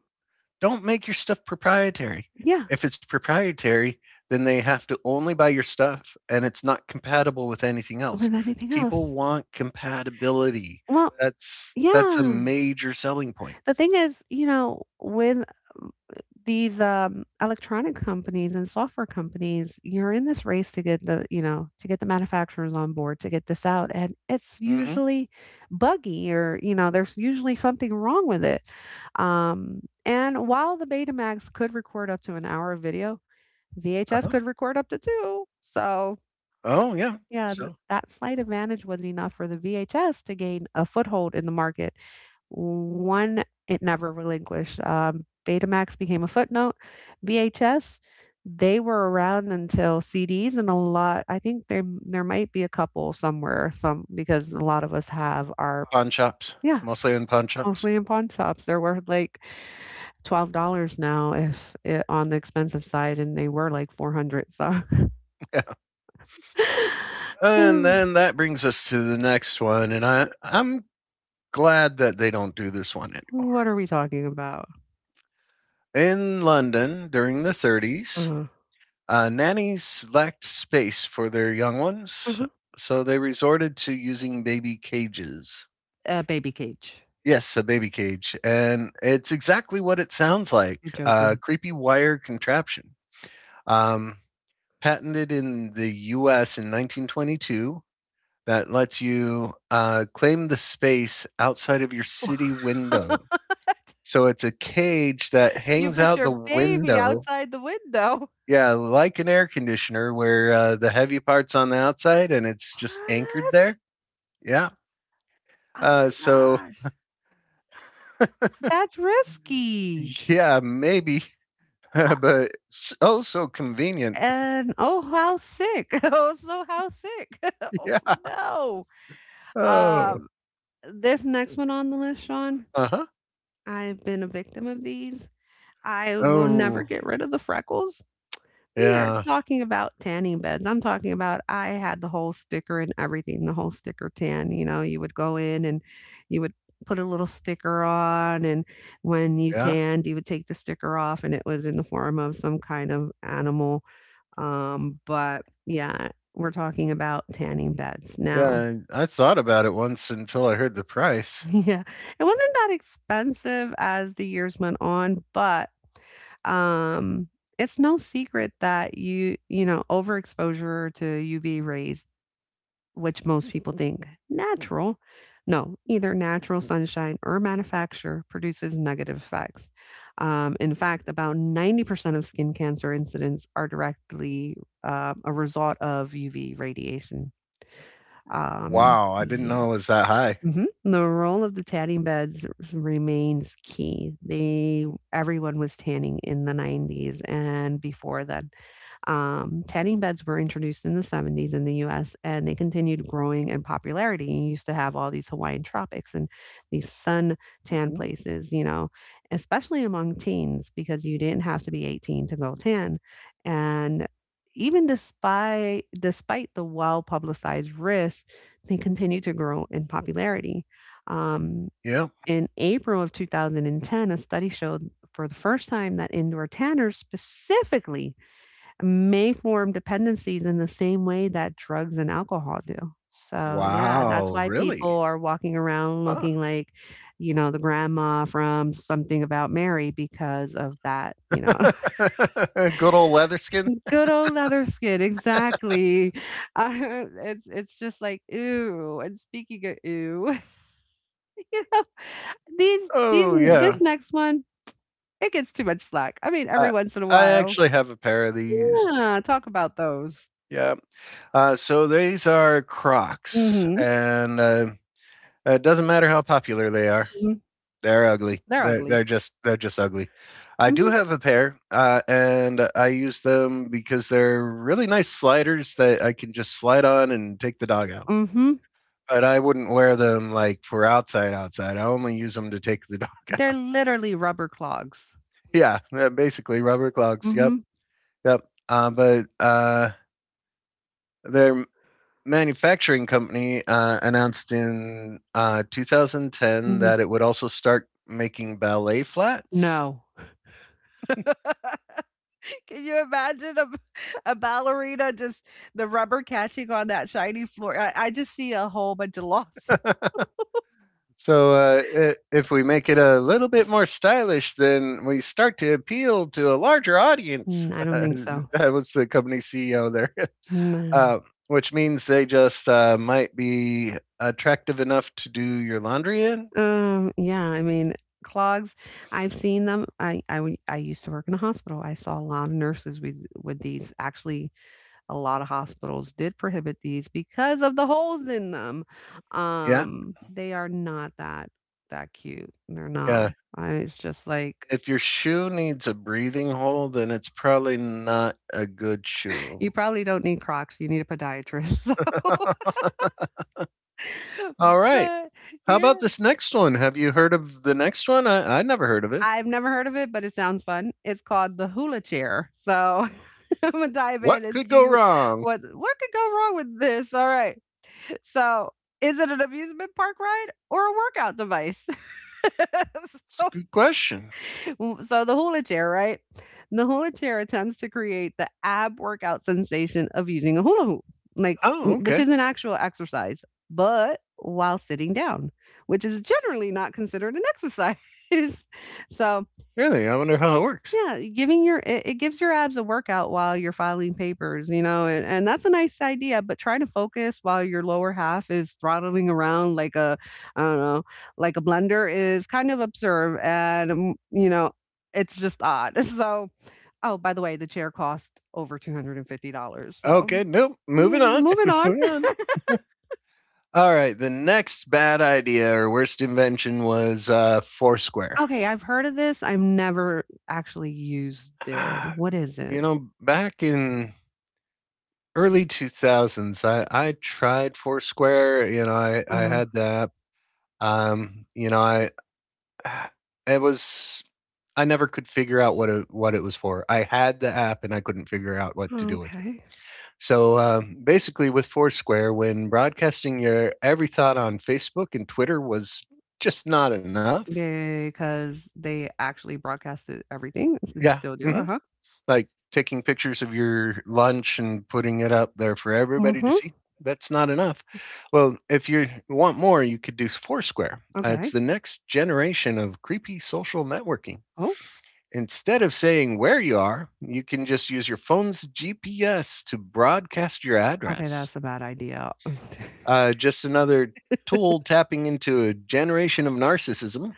Speaker 1: Don't make your stuff proprietary.
Speaker 2: yeah,
Speaker 1: If it's proprietary, then they have to only buy your stuff, and it's not compatible with anything else.
Speaker 2: with anything
Speaker 1: People
Speaker 2: else.
Speaker 1: want compatibility.
Speaker 2: Well,
Speaker 1: That's a
Speaker 2: yeah.
Speaker 1: major selling point.
Speaker 2: The thing is, you know, with these, electronic companies and software companies, you're in this race to get the, you know, to get the manufacturers on board to get this out, and it's
Speaker 1: Mhm.
Speaker 2: usually buggy or, you know, there's usually something wrong with it. And while the Betamax could record up to an hour of video, VHS
Speaker 1: Uh-huh.
Speaker 2: could record up to 2. So,
Speaker 1: Oh, yeah.
Speaker 2: yeah, th
Speaker 1: So,
Speaker 2: that slight advantage was enough for the VHS to gain a foothold in the market, one it never relinquished. Betamax became a footnote. VHS, they were around until CDs and a lot. I think there might be a couple somewhere, some, because a lot of us have our,
Speaker 1: pawn shops,
Speaker 2: yeah,
Speaker 1: mostly in pawn shops.
Speaker 2: mostly in pawn shops. They're worth like $12 now if it, on the expensive side, and they were like 400. So
Speaker 1: And
Speaker 2: [sighs]
Speaker 1: then
Speaker 2: [laughs]
Speaker 1: that brings us to the next one, and I'm glad that they don't do this one anymore.
Speaker 2: what are we talking about?
Speaker 1: In London during the 30s,
Speaker 2: Uh-huh.
Speaker 1: nannies lacked space for their young ones,
Speaker 2: Uh-huh.
Speaker 1: so they resorted to using baby cages.
Speaker 2: A baby cage.
Speaker 1: Yes, a baby cage, and it's exactly what it sounds like:
Speaker 2: You're
Speaker 1: a
Speaker 2: joking.
Speaker 1: creepy wire contraption. Um, Patented in the US in 1922, that lets you claim the space outside of your city window.
Speaker 2: [laughs]
Speaker 1: So it's a cage that
Speaker 2: You
Speaker 1: hangs
Speaker 2: put
Speaker 1: out
Speaker 2: your
Speaker 1: the
Speaker 2: baby
Speaker 1: window.
Speaker 2: outside the window.
Speaker 1: Yeah, like an air conditioner where the heavy part's on the outside and it's just anchored
Speaker 2: What?
Speaker 1: there. Yeah.
Speaker 2: Oh my
Speaker 1: Uh, so,
Speaker 2: gosh. That's risky.
Speaker 1: yeah, maybe, [laughs]
Speaker 2: Uh,
Speaker 1: but oh, so convenient.
Speaker 2: and oh, how sick. [laughs] Oh, so how sick. [laughs]
Speaker 1: [laughs]
Speaker 2: Oh,
Speaker 1: Yeah.
Speaker 2: no.
Speaker 1: Oh.
Speaker 2: Um, this next one on the list, Sean,
Speaker 1: Uh huh.
Speaker 2: I've been a victim of these. I will never
Speaker 1: Oh,
Speaker 2: get rid of the freckles. We are
Speaker 1: yeah.
Speaker 2: talking about tanning beds. I'm talking about I had the whole sticker and everything, the whole sticker tan. You know, you would go in and you would put a little sticker on, and when you
Speaker 1: Yeah.
Speaker 2: tanned, you would take the sticker off, and it was in the form of some kind of animal. But yeah, we're talking about tanning beds now. [laughs]
Speaker 1: Yeah. I thought about it once until I heard the price.
Speaker 2: Yeah, it wasn't that expensive as the years went on, but Um, it's no secret that you know, overexposure to UV rays, which most people think natural, no, either natural sunshine or manufacture produces negative effects. In fact, about 90% of skin cancer incidents are directly a result of UV radiation. Wow.
Speaker 1: Wow. I didn't
Speaker 2: Yeah.
Speaker 1: know it was that high.
Speaker 2: Mhm. The role of the tanning beds remains key. They, everyone was tanning in the '90s and before then. Tanning beds were introduced in the '70s in the US, and they continued growing in popularity. You used to have all these Hawaiian tropics and these sun-tan
Speaker 1: Mhm.
Speaker 2: places, you know, especially among teens because you didn't have to be 18 to go tan, and even despite the well-publicized risks, they continued to grow in popularity. Um,
Speaker 1: Yeah.
Speaker 2: in April of 2010, a study showed for the first time that indoor tanners specifically may form dependencies in the same way that drugs and alcohol do. So, yeah, that's
Speaker 1: Wow,
Speaker 2: why people
Speaker 1: really?
Speaker 2: are walking around
Speaker 1: Ah.
Speaker 2: looking like, you know, the grandma from Something About Mary because of that, you know. [laughs]
Speaker 1: [laughs] Good old Leatherskin?
Speaker 2: Good old leather skin. Exactly. Uh, [laughs] it's just like ooh. And speaking of ooh, [laughs] these
Speaker 1: Oh,
Speaker 2: n
Speaker 1: yeah.
Speaker 2: this next one, it gets too much slack. I mean, every
Speaker 1: I
Speaker 2: once in a
Speaker 1: I
Speaker 2: while.
Speaker 1: actually have a pair of these.
Speaker 2: Yeah, talk about those.
Speaker 1: Yeah. So these are Crocs,
Speaker 2: Mhm,
Speaker 1: and it doesn't matter how popular they are.
Speaker 2: mhm.
Speaker 1: They're ugly.
Speaker 2: They're ugly.
Speaker 1: They're just ugly. I do
Speaker 2: Mhm,
Speaker 1: have a pair, and I use them because they're really nice sliders that I can just slide on and take the dog out.
Speaker 2: mhm.
Speaker 1: But I wouldn't wear them like for outside outside. I only use them to take the [laughs] dog
Speaker 2: They're
Speaker 1: out.
Speaker 2: literally rubber clogs.
Speaker 1: Yeah, basically rubber clogs. Yep,
Speaker 2: Mhm,
Speaker 1: yep. But their manufacturing company announced in 2010
Speaker 2: mhm.
Speaker 1: that it would also start making ballet flats.
Speaker 2: No. [laughs] Can you imagine a ballerina just the rubber catching on that shiny floor? I just see a whole bunch of loss.
Speaker 1: So if we make it a little bit more stylish, then we start to appeal to a larger audience.
Speaker 2: Mm, I
Speaker 1: [laughs]
Speaker 2: don't think so.
Speaker 1: That was the company CEO there.
Speaker 2: No.
Speaker 1: uh, which means they just might be attractive enough to do your laundry in.
Speaker 2: Yeah, I mean, clogs, I've seen them. I used to work in a hospital. I saw a lot of nurses with these. Actually, a lot of hospitals did prohibit these because of the holes in them.
Speaker 1: Yeah,
Speaker 2: They are not that cute. They're not.
Speaker 1: yeah.
Speaker 2: It's just like
Speaker 1: If your shoe needs a breathing hole, then it's probably not a good shoe.
Speaker 2: you probably don't need Crocs. You need a podiatrist.
Speaker 1: [laughs]
Speaker 2: [laughs]
Speaker 1: All right.
Speaker 2: But
Speaker 1: How
Speaker 2: yeah,
Speaker 1: about this next one? Have you heard of the next one? I never heard of it.
Speaker 2: I've never heard of it, but it sounds fun. It's called the hula chair. So [laughs] I'm gonna dive in
Speaker 1: What
Speaker 2: and
Speaker 1: could go
Speaker 2: see
Speaker 1: wrong?
Speaker 2: what could go wrong with this. All right. So, is it an amusement park ride or a workout device? [laughs]
Speaker 1: It's a
Speaker 2: So,
Speaker 1: good question.
Speaker 2: so the hula chair, right? The hula chair attempts to create the ab workout sensation of using a hula hoop, like
Speaker 1: Oh,
Speaker 2: which
Speaker 1: okay.
Speaker 2: is an actual exercise, but while sitting down, which is generally not considered an exercise. [laughs] So,
Speaker 1: Really? I wonder how it works.
Speaker 2: yeah, giving your it it gives your abs a workout while you're filing papers, you know, and that's a nice idea, but trying to focus while your lower half is throttling around like a, I don't know, like a blender is kind of absurd, and, you know, it's just odd. [laughs] So, oh, by the way, the chair cost over $250. So,
Speaker 1: Okay, nope. Moving
Speaker 2: yeah,
Speaker 1: on.
Speaker 2: moving
Speaker 1: [laughs]
Speaker 2: on.
Speaker 1: Moving on. All right, the next bad idea or worst invention was Foursquare.
Speaker 2: Okay, I've heard of this. I've never actually used it.
Speaker 1: Ah,
Speaker 2: What is it?
Speaker 1: you know, back in early 2000s, I tried Foursquare. You know, I
Speaker 2: Uh,
Speaker 1: had that. You know, I it was I never could figure out what it was for. I had the app and I couldn't figure out what to do with it.
Speaker 2: okay.
Speaker 1: So basically, with Foursquare, when broadcasting your every thought on Facebook and Twitter was just not enough.
Speaker 2: Because they actually broadcasted everything and s
Speaker 1: Yeah.
Speaker 2: still do,
Speaker 1: Hmm.
Speaker 2: uh-huh.
Speaker 1: Like taking pictures of your lunch and putting it up there for everybody to
Speaker 2: Mhm.
Speaker 1: see, that's not enough. Well, if you want more, you could do Foursquare. It's
Speaker 2: Okay.
Speaker 1: the next generation of creepy social networking.
Speaker 2: Oh,
Speaker 1: Instead of saying where you are, you can just use your phone's GPS to broadcast your
Speaker 2: okay,
Speaker 1: address,
Speaker 2: that's a bad idea. [laughs]
Speaker 1: just another tool tapping into a generation of narcissism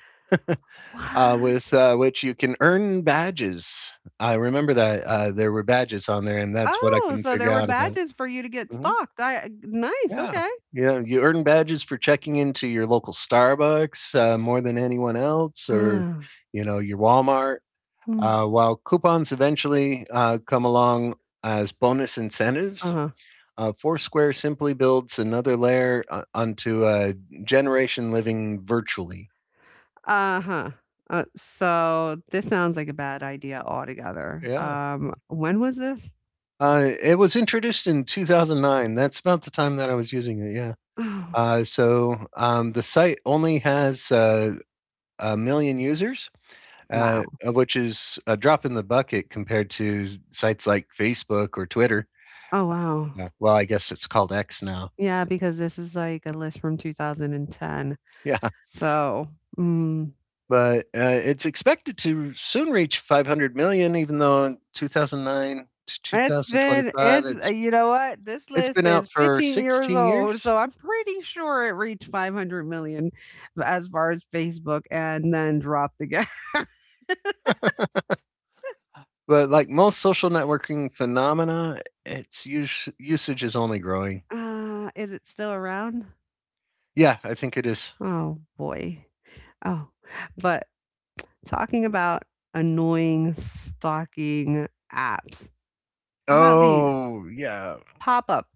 Speaker 2: What?
Speaker 1: with which you can earn badges. I remember that there were badges on there, and that's what I
Speaker 2: Oh,
Speaker 1: couldn't
Speaker 2: so there
Speaker 1: figure
Speaker 2: were
Speaker 1: out about.
Speaker 2: badges for you to get
Speaker 1: Mhm.
Speaker 2: stalked, I nice,
Speaker 1: Yeah.
Speaker 2: okay.
Speaker 1: Yeah, you earn badges for checking into your local Starbucks more than anyone else, or
Speaker 2: Ah.
Speaker 1: you know, your Walmart.
Speaker 2: Mm.
Speaker 1: While coupons eventually come along as bonus incentives,
Speaker 2: Uh-huh.
Speaker 1: Foursquare simply builds another layer onto a generation living virtually.
Speaker 2: Uh-huh. So this sounds like a bad idea altogether.
Speaker 1: Yeah.
Speaker 2: When was this?
Speaker 1: It was introduced in 2009. That's about the time that I was using it. Yeah.
Speaker 2: [sighs] Oh,
Speaker 1: So the site only has a million users,
Speaker 2: wow.
Speaker 1: which is a drop in the bucket compared to sites like Facebook or Twitter.
Speaker 2: Oh, wow.
Speaker 1: Yeah. Well, I guess it's called X now. [laughs]
Speaker 2: Yeah, because this is like a list from 2010.
Speaker 1: Yeah.
Speaker 2: So, mm.
Speaker 1: But it's expected to soon reach 500 million, even though in 2009 to
Speaker 2: It's been
Speaker 1: 2025,
Speaker 2: it's you know what? This
Speaker 1: it's
Speaker 2: list
Speaker 1: been
Speaker 2: is
Speaker 1: out for
Speaker 2: 15 years
Speaker 1: 16
Speaker 2: old,
Speaker 1: years.
Speaker 2: so I'm pretty sure it reached 500 million as far as Facebook, and then dropped again. [laughs]
Speaker 1: But like most social networking phenomena, usage is only growing.
Speaker 2: Is it still around?
Speaker 1: Yeah, I think it is.
Speaker 2: Oh boy. Oh. But talking about annoying stalking apps. How about these?
Speaker 1: Oh, yeah.
Speaker 2: Pop-up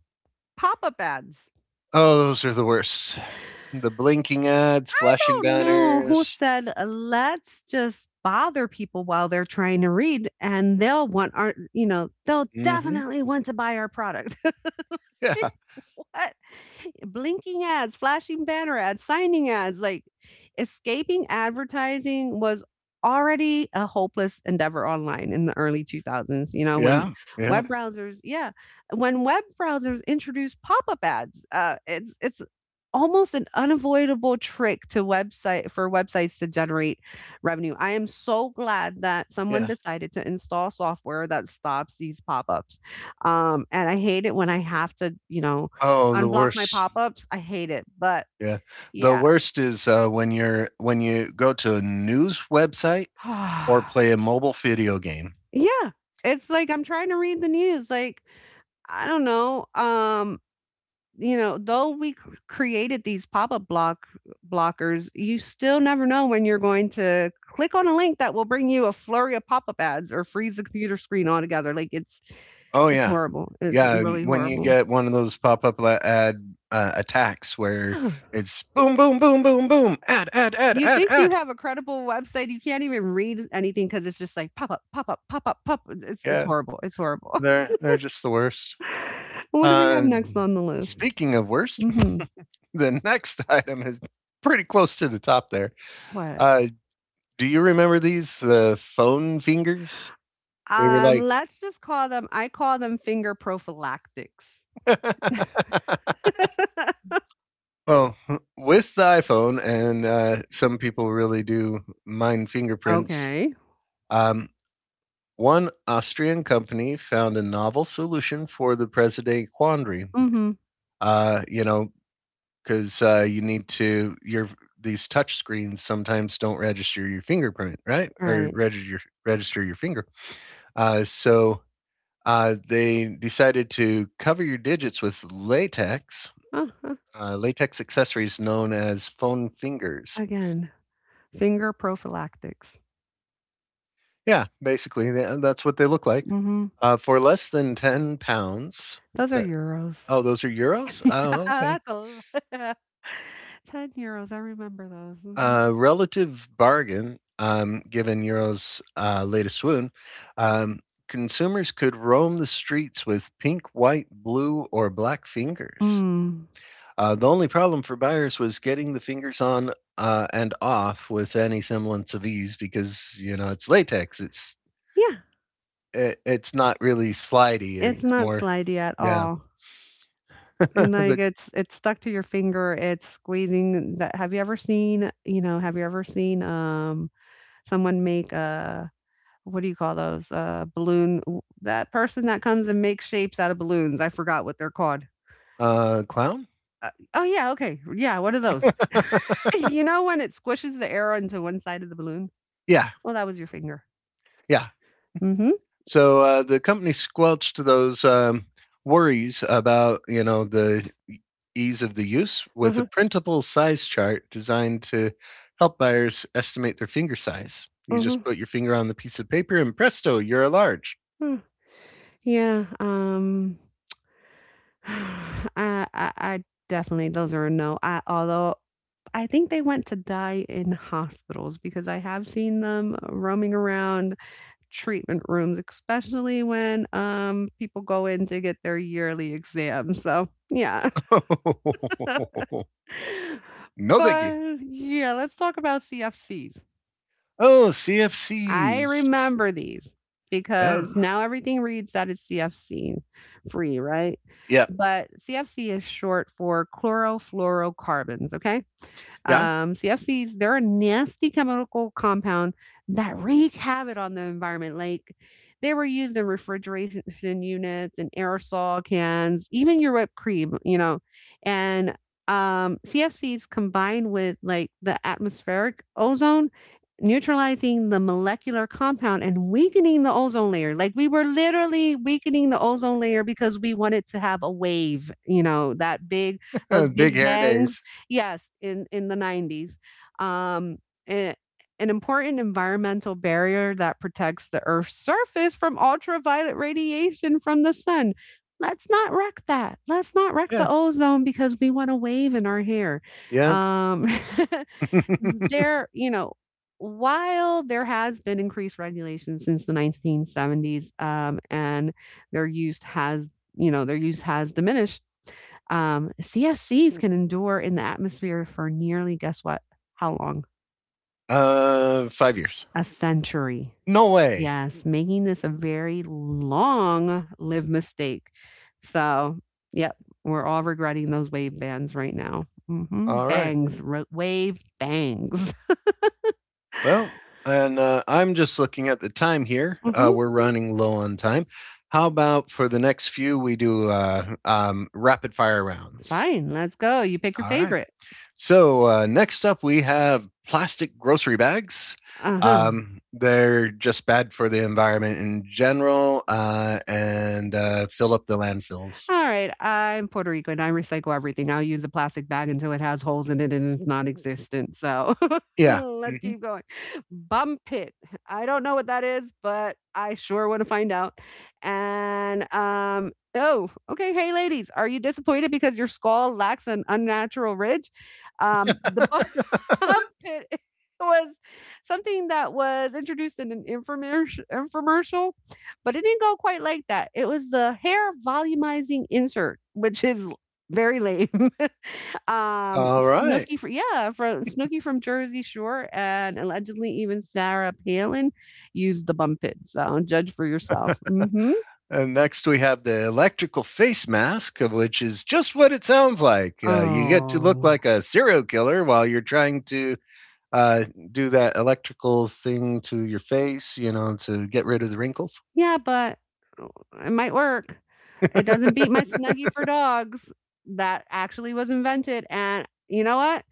Speaker 2: pop-up ads.
Speaker 1: Oh, those are the worst. The blinking ads, flashing
Speaker 2: Don't know who
Speaker 1: banners.
Speaker 2: said, let's just bother people while they're trying to read and they'll want our, you know, they'll
Speaker 1: Hmm.
Speaker 2: definitely want to buy our product. [laughs] [laughs]
Speaker 1: Yeah,
Speaker 2: What? Blinking ads, flashing banner ads, signing ads, like escaping advertising was already a hopeless endeavor online in the early 2000s, you know, when
Speaker 1: yeah, yeah,
Speaker 2: web browsers, yeah, when web browsers introduced pop-up ads, it's almost an unavoidable trick to website for websites to generate revenue. I am so glad that someone
Speaker 1: yeah.
Speaker 2: decided to install software that stops these pop-ups. And I hate it when I have to, you know,
Speaker 1: Oh, the
Speaker 2: Unblock my
Speaker 1: worst.
Speaker 2: pop-ups? I hate it, but
Speaker 1: Yeah, the
Speaker 2: yeah.
Speaker 1: worst is when you go to a news website or
Speaker 2: [sighs]
Speaker 1: play a mobile video game.
Speaker 2: Yeah, it's like I'm trying to read the news, like, I don't know, you know, though we c created these pop-up block blockers, you still never know when you're going to click on a link that will bring you a flurry of pop-up ads or freeze the computer screen altogether, like, it's
Speaker 1: Oh
Speaker 2: it's
Speaker 1: yeah,
Speaker 2: horrible, it's
Speaker 1: yeah.
Speaker 2: really
Speaker 1: And when you
Speaker 2: horrible.
Speaker 1: get one of those pop up ad attacks where it's boom, boom, boom, boom, boom, ad, ad, ad,
Speaker 2: You
Speaker 1: ad,
Speaker 2: think you
Speaker 1: ad.
Speaker 2: have a credible website, you can't even read anything because it's just like pop up, pop up, pop up, pop it's
Speaker 1: Yeah,
Speaker 2: it's horrible.
Speaker 1: they're just the worst.
Speaker 2: [laughs] What do we have
Speaker 1: Uh,
Speaker 2: next on the list?
Speaker 1: speaking of worst,
Speaker 2: Mhm.
Speaker 1: [laughs] the next item is pretty close to the top there.
Speaker 2: What?
Speaker 1: Uh, do you remember these, the phone fingers? They were like,
Speaker 2: Let's just call them I call them finger prophylactics.
Speaker 1: [laughs]
Speaker 2: [laughs]
Speaker 1: well, with the iPhone, and some people really do mind fingerprints.
Speaker 2: Okay.
Speaker 1: Um, One Austrian company found a novel solution for the present day quandary.
Speaker 2: mm Mhm.
Speaker 1: You know, because you need to your these touch screens sometimes don't register your fingerprint, right? Or
Speaker 2: Right.
Speaker 1: register your finger. Uh, so they decided to cover your digits with latex,
Speaker 2: Uh-huh.
Speaker 1: latex accessories known as phone fingers.
Speaker 2: Again, finger prophylactics.
Speaker 1: Yeah, basically that's what they look like.
Speaker 2: Mm Mhm.
Speaker 1: For less than €10.
Speaker 2: Those are
Speaker 1: That,
Speaker 2: euros.
Speaker 1: oh, those are euros.
Speaker 2: [laughs] Yeah,
Speaker 1: Oh, okay.
Speaker 2: that's a lot. [laughs] l €10, I remember those, mm mhm.
Speaker 1: Relative bargain, given Euro's latest swoon, um, consumers could roam the streets with pink, white, blue, or black fingers.
Speaker 2: Mm.
Speaker 1: The only problem for buyers was getting the fingers on and off with any semblance of ease, because you know it's latex.
Speaker 2: Yeah,
Speaker 1: It's not really slidey.
Speaker 2: it's
Speaker 1: It's
Speaker 2: not
Speaker 1: more
Speaker 2: slidey at
Speaker 1: yeah.
Speaker 2: all.
Speaker 1: [laughs]
Speaker 2: Like
Speaker 1: The
Speaker 2: it's stuck to your finger. It's squeezing that have you ever seen, you know, have you ever seen someone make a what do you call those? Balloon that person that comes and makes shapes out of balloons. I forgot what they're called.
Speaker 1: clown.
Speaker 2: Oh yeah, okay. Yeah, what are those?
Speaker 1: [laughs]
Speaker 2: [laughs] You know when it squishes the air into one side of the balloon?
Speaker 1: Yeah,
Speaker 2: Well, that was your finger.
Speaker 1: yeah.
Speaker 2: Mhm.
Speaker 1: So the company squelched those worries about you know ease of the use with a
Speaker 2: Mhm.
Speaker 1: printable size chart designed to help buyers estimate their finger size. You just
Speaker 2: Mhm.
Speaker 1: put your finger on the piece of paper and presto, you're a large.
Speaker 2: huh. Yeah, [sighs] I I I definitely those are a no. I Although I think they went to die in hospitals because I have seen them roaming around treatment rooms, especially when people go in to get their yearly exam. So, yeah.
Speaker 1: [laughs]
Speaker 2: [laughs]
Speaker 1: No, thank you.
Speaker 2: But yeah, let's talk about CFCs.
Speaker 1: Oh,
Speaker 2: I
Speaker 1: CFCs.
Speaker 2: remember these
Speaker 1: Yeah.
Speaker 2: because now everything reads that it's CFC free, right?
Speaker 1: Yeah.
Speaker 2: But CFC is short for chlorofluorocarbons, okay?
Speaker 1: Yeah.
Speaker 2: CFCs, they're a nasty chemical compound that wreak havoc on the environment. Like they were used in refrigeration units and aerosol cans, even your whipped cream, you know. And CFCs combined with like the atmospheric ozone, neutralizing the molecular compound and weakening the ozone layer. Like we were literally weakening the ozone layer because we wanted to have a wave, you know, that big, those
Speaker 1: [laughs] Big
Speaker 2: big
Speaker 1: hair
Speaker 2: bangs.
Speaker 1: days.
Speaker 2: Yes, in the 90s. Um, a- an important environmental barrier that protects the Earth's surface from ultraviolet radiation from the sun. Let's not wreck that. Let's not wreck the
Speaker 1: Yeah.
Speaker 2: ozone because we want a wave in our hair.
Speaker 1: Yeah.
Speaker 2: Um, [laughs] Mm,
Speaker 1: [laughs]
Speaker 2: there you know, while there has been increased regulation since the 1970s, and their use has you know, their use has diminished, CFCs can endure in the atmosphere for nearly, guess what? How long?
Speaker 1: 5 years.
Speaker 2: A century.
Speaker 1: No way.
Speaker 2: Yes, making this a very long live mistake. So, yep, we're all regretting those wave bands right now. Mhm.
Speaker 1: All right.
Speaker 2: Bangs, wave bangs.
Speaker 1: Well, and I'm just looking at the time here.
Speaker 2: [laughs] Mhm.
Speaker 1: We're running low on time. How about for the next few, we do rapid fire rounds?
Speaker 2: Fine, let's go. You pick your
Speaker 1: All right.
Speaker 2: favorite.
Speaker 1: So, next up, we have plastic grocery bags.
Speaker 2: Uh-huh.
Speaker 1: They're just bad for the environment in general and fill up the landfills.
Speaker 2: All right. I'm Puerto Rican. I recycle everything. I'll use a plastic bag until it has holes in it and it's non-existent. So [laughs]
Speaker 1: Yeah.
Speaker 2: let's
Speaker 1: Mhm.
Speaker 2: keep going. Bump pit. I don't know what that is, but I sure want to find out. And oh, okay. Hey ladies, are you disappointed because your skull lacks an unnatural ridge? Um, the bu-
Speaker 1: [laughs]
Speaker 2: Armpit [laughs] was something that was introduced in an infomercial, but it didn't go quite like that. It was the hair volumizing insert, which is very lame. [laughs]
Speaker 1: All right.
Speaker 2: Snooki, yeah, from Snooki from Jersey Shore, and allegedly even Sarah Palin used the bump it. So judge for yourself. Hmm.
Speaker 1: And next, we have the electrical face mask, which is just what it sounds like. You get to look
Speaker 2: Oh.
Speaker 1: like a serial killer while you're trying to uh, do that electrical thing to your face, you know, to get rid of the wrinkles.
Speaker 2: Yeah, but it might work. It doesn't beat my
Speaker 1: [laughs]
Speaker 2: Snuggie for dogs that actually was invented. And you know what?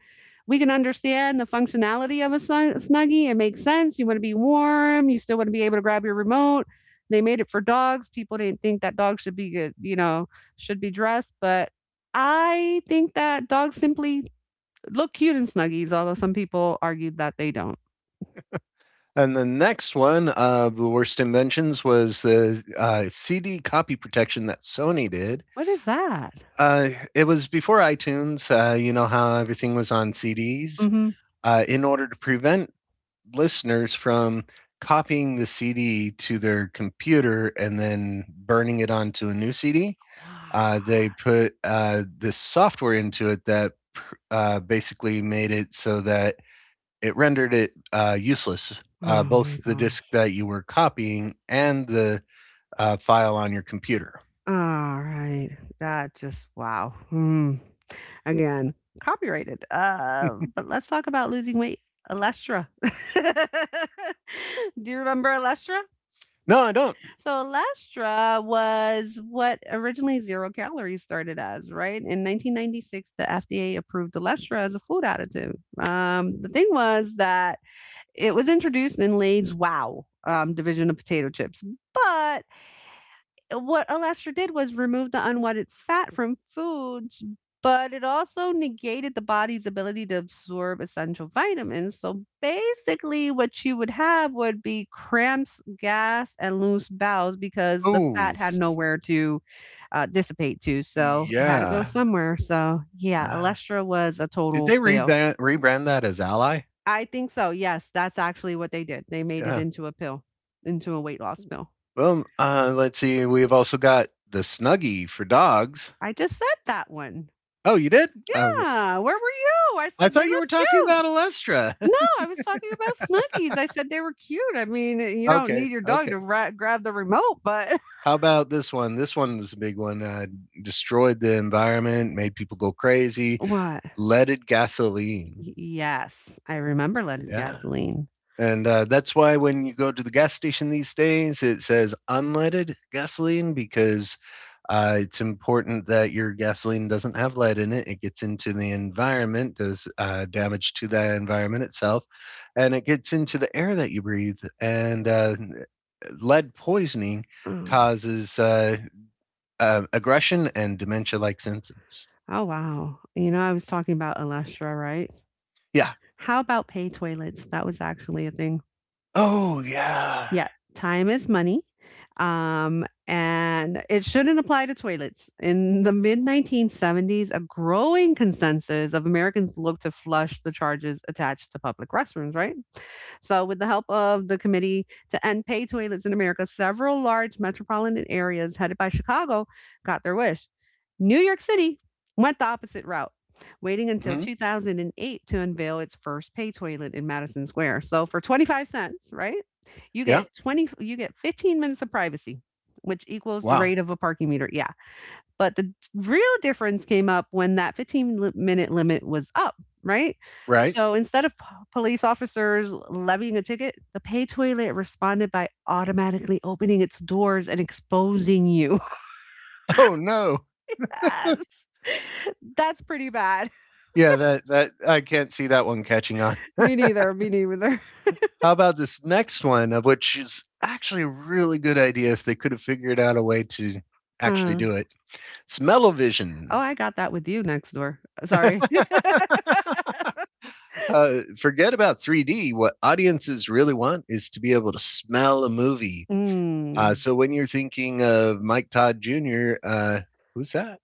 Speaker 2: We can understand the functionality of a Snuggie. It makes sense. You want to be warm. You still want to be able to grab your remote. They made it for dogs. People didn't think that dogs should be good, should be dressed. But I think that dogs simply look cute in Snuggies, although some people argued that they don't.
Speaker 1: And the next one of the worst inventions was the CD copy protection that Sony did.
Speaker 2: What is that?
Speaker 1: It was before iTunes. You know how everything was on CDs.
Speaker 2: Hmm.
Speaker 1: In order to prevent listeners from copying the CD to their computer and then burning it onto a new CD.
Speaker 2: Wow.
Speaker 1: They put this software into it that basically made it so that it rendered it useless,
Speaker 2: Oh my
Speaker 1: both the
Speaker 2: God.
Speaker 1: disk that you were copying and the file on your computer.
Speaker 2: Alright, that just wow, Again, copyrighted, but let's talk about losing weight, Alestra. [laughs] Do you remember Alestra?
Speaker 1: No, I don't.
Speaker 2: So Alestra was what originally 0 calories started as, right? In 1996, the FDA approved Alestra as a food additive. The thing was that it was introduced in Lay's WOW! Division of potato chips, but what Alastor did was remove the unwanted fat from foods, but it also negated the body's ability to absorb essential vitamins. So basically, what you would have would be cramps, gas, and loose bowels because the
Speaker 1: Oh,
Speaker 2: fat had nowhere to dissipate to. So it had to go
Speaker 1: yeah.
Speaker 2: somewhere. So yeah,
Speaker 1: Uh,
Speaker 2: Alastor was a
Speaker 1: did
Speaker 2: total
Speaker 1: they
Speaker 2: fail.
Speaker 1: rebrand that as Ally?
Speaker 2: I think so. Yes, that's actually what they did. They made it
Speaker 1: Yeah.
Speaker 2: into a pill, into a weight loss pill.
Speaker 1: Well, let's see. We've also got the Snuggie for dogs.
Speaker 2: I just said that one.
Speaker 1: Oh, you did? Oh, okay.
Speaker 2: Yeah, where were you? I
Speaker 1: I
Speaker 2: said they
Speaker 1: thought you
Speaker 2: look
Speaker 1: were talking
Speaker 2: cute.
Speaker 1: about Alestra.
Speaker 2: No, I was talking about Snuggies. I said they were cute. I mean, eh,
Speaker 1: [laughs]
Speaker 2: you don't
Speaker 1: Okay,
Speaker 2: need your dog
Speaker 1: okay.
Speaker 2: to ra grab the remote, but
Speaker 1: How about this one? This one was a big one. Destroyed the environment, made people go
Speaker 2: [laughs]
Speaker 1: crazy.
Speaker 2: what?
Speaker 1: Leaded gasoline.
Speaker 2: Y Yes, I remember leaded
Speaker 1: Yeah.
Speaker 2: gasoline.
Speaker 1: And that's why when you go to the gas station these days, it says unleaded gasoline because it's important that your gasoline doesn't have lead in it. It gets into the environment, does damage to the environment itself, and it gets into the air that you breathe. And lead poisoning
Speaker 2: Oh.
Speaker 1: causes aggression and dementia like symptoms.
Speaker 2: Oh, wow. You know, I was talking about Alestra, right?
Speaker 1: Yeah.
Speaker 2: How about pay toilets? That was actually a thing.
Speaker 1: Oh, yeah.
Speaker 2: Yeah, time is money. And it shouldn't apply to toilets. In the mid 1970s, a growing consensus of Americans looked to flush the charges attached to public restrooms, right? So, with the help of the Committee to End Pay Toilets in America, several large metropolitan areas headed by Chicago got their wish. New York City went the opposite route, waiting until
Speaker 1: Mhm.
Speaker 2: 2008 to unveil its first pay toilet in Madison Square. So, for 25 cents, right? You
Speaker 1: Yeah.
Speaker 2: get 20 You get 15 minutes of privacy, which equals the
Speaker 1: Wow.
Speaker 2: rate of a parking meter. Yeah. But the real difference came up when that minute limit was up, right?
Speaker 1: Right. [laughs]
Speaker 2: So instead of police officers levying a ticket, the pay toilet responded by automatically opening its doors and exposing you.
Speaker 1: Oh, no.
Speaker 2: [laughs] Yes. That's pretty bad.
Speaker 1: Yeah, that I can't see that one catching on.
Speaker 2: [laughs] Me neither. Me neither.
Speaker 1: How about this next one, of which is actually a really good idea if they could have figured out a way to actually
Speaker 2: Uh,
Speaker 1: do it. Smell-o-vision.
Speaker 2: oh, I got that with you next door. Sorry. [laughs]
Speaker 1: [laughs] Forget about 3D. What audiences really want is to be able to smell a movie.
Speaker 2: Mm,
Speaker 1: So when you're thinking of Mike Todd Jr., who's that?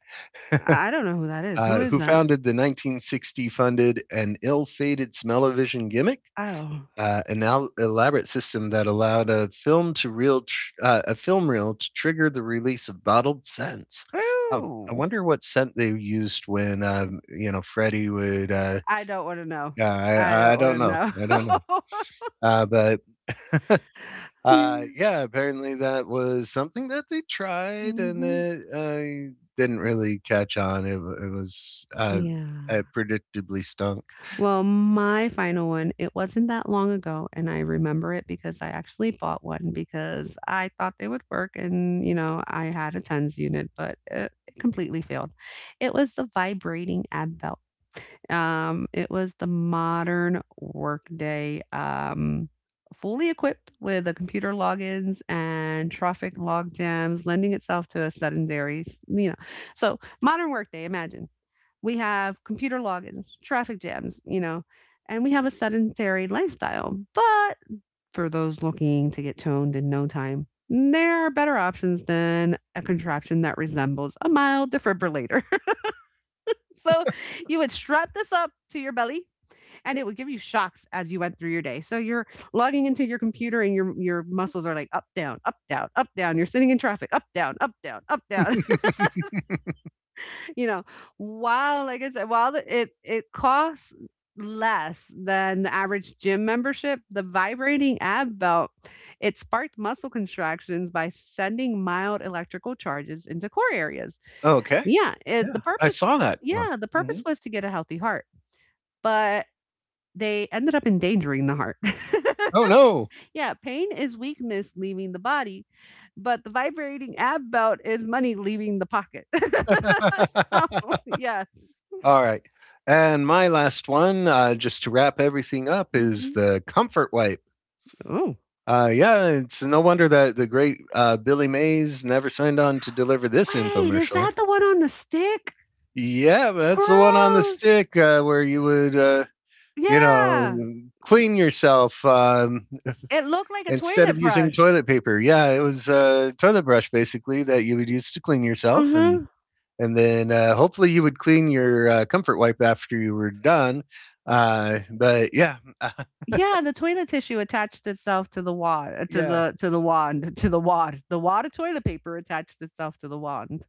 Speaker 2: I don't know who that is. Who is
Speaker 1: Who
Speaker 2: that?
Speaker 1: founded the 1960 funded and ill fated smell-o-vision gimmick?
Speaker 2: Oh.
Speaker 1: An elaborate system that allowed a film a film reel to trigger the release of bottled scents. I
Speaker 2: Ooh.
Speaker 1: wonder what scent they used when you know Freddie would. Uh,
Speaker 2: I don't want to know.
Speaker 1: yeah,
Speaker 2: I
Speaker 1: I, I
Speaker 2: don't
Speaker 1: don't
Speaker 2: want to
Speaker 1: know.
Speaker 2: know.
Speaker 1: I don't know.
Speaker 2: [laughs]
Speaker 1: But [laughs]
Speaker 2: Yeah.
Speaker 1: Yeah, apparently that was something that they tried and
Speaker 2: Mhm.
Speaker 1: it didn't really catch on. It was
Speaker 2: Yeah.
Speaker 1: predictably stunk.
Speaker 2: Well, my final one, it wasn't that long ago, and I remember it because I actually bought one because I thought they would work and, you know, I had a tons unit, but it completely failed. It was the vibrating ab belt. It was the modern Workday, fully equipped with the computer logins and traffic log jams, lending itself to a you know. So modern Workday, imagine we have computer logins, traffic jams, you know, and we have a sedentary lifestyle. But for those looking to get toned in no time, there are better options than a contraption that resembles a mild defibrillator. [laughs] So you would strap this up to your belly and it would give you shocks as you went through your day. So you're logging into your computer and your muscles are like up down, up down, up down. You're sitting in traffic, up down, up down, up down. [laughs] You know, while like I said, while the, it costs less than the average gym membership, the vibrating ab belt it sparked muscle contractions by sending mild electrical charges into core areas.
Speaker 1: Okay.
Speaker 2: Yeah, it,
Speaker 1: Yeah,
Speaker 2: the
Speaker 1: I
Speaker 2: purpose
Speaker 1: saw that one.
Speaker 2: yeah, the purpose
Speaker 1: Mhm.
Speaker 2: was to get a healthy heart, but they ended up endangering the heart.
Speaker 1: Oh no.
Speaker 2: [laughs] Yeah, pain is weakness leaving the body, but the vibrating ab belt is money leaving the pocket. [laughs]
Speaker 1: [laughs]
Speaker 2: So,
Speaker 1: All
Speaker 2: yes.
Speaker 1: right. And my last one, just to wrap everything up, is
Speaker 2: Mhm.
Speaker 1: the comfort wipe.
Speaker 2: Oh.
Speaker 1: Yeah, it's no wonder that the great Billy Mays never signed on to deliver this
Speaker 2: Wait, is
Speaker 1: infomercial.
Speaker 2: that the one on the stick?
Speaker 1: Yeah, that's the one on the
Speaker 2: Gross.
Speaker 1: stick where you would, you know,
Speaker 2: Yeah.
Speaker 1: clean yourself
Speaker 2: It looked like a
Speaker 1: instead of
Speaker 2: toilet
Speaker 1: using
Speaker 2: brush.
Speaker 1: toilet paper. Yeah, it was a toilet brush basically that you would use to clean yourself. And
Speaker 2: Uh-huh.
Speaker 1: and then hopefully you would clean your comfort wipe after you were done. Uh, but yeah, uh,
Speaker 2: Yeah, the toilet tissue attached itself to the wand.
Speaker 1: [laughs] yeah.
Speaker 2: To the wand to the wad. The wad of toilet paper attached itself to the wand.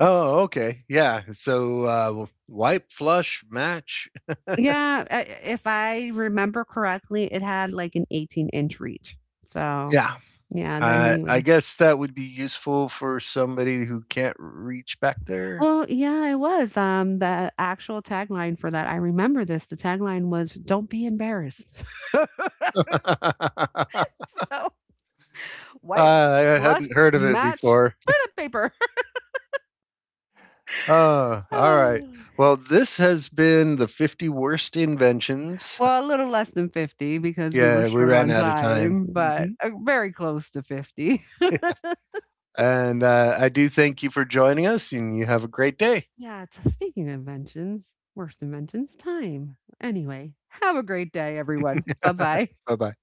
Speaker 1: Oh, okay, yeah. So wipe, flush, match.
Speaker 2: Yeah, I if I remember correctly, it had, like, an 18-inch inch reach. So,
Speaker 1: Yeah,
Speaker 2: yeah, then you
Speaker 1: I
Speaker 2: would.
Speaker 1: guess that would be useful for somebody who can't reach back there.
Speaker 2: Well, yeah, it was, the actual tagline for that I remember this, the tagline was, "Don't be embarrassed." [laughs]
Speaker 1: [laughs] uh,
Speaker 2: So, white
Speaker 1: I
Speaker 2: flush
Speaker 1: hadn't heard of it
Speaker 2: match
Speaker 1: before.
Speaker 2: toilet paper. [laughs]
Speaker 1: Oh, all right.
Speaker 2: Oh.
Speaker 1: Well, this has been the 50 worst inventions.
Speaker 2: Well, a little less than 50 because we were
Speaker 1: Yeah, we
Speaker 2: short
Speaker 1: ran
Speaker 2: on
Speaker 1: out of time.
Speaker 2: time, but,
Speaker 1: Hmm.
Speaker 2: very close to 50. [laughs]
Speaker 1: And I do thank you for joining us, and you have a great day.
Speaker 2: Yeah, t speaking of inventions, worst inventions, time. Anyway, have a great day, everyone. Bye-bye.
Speaker 1: [laughs] Bye bye.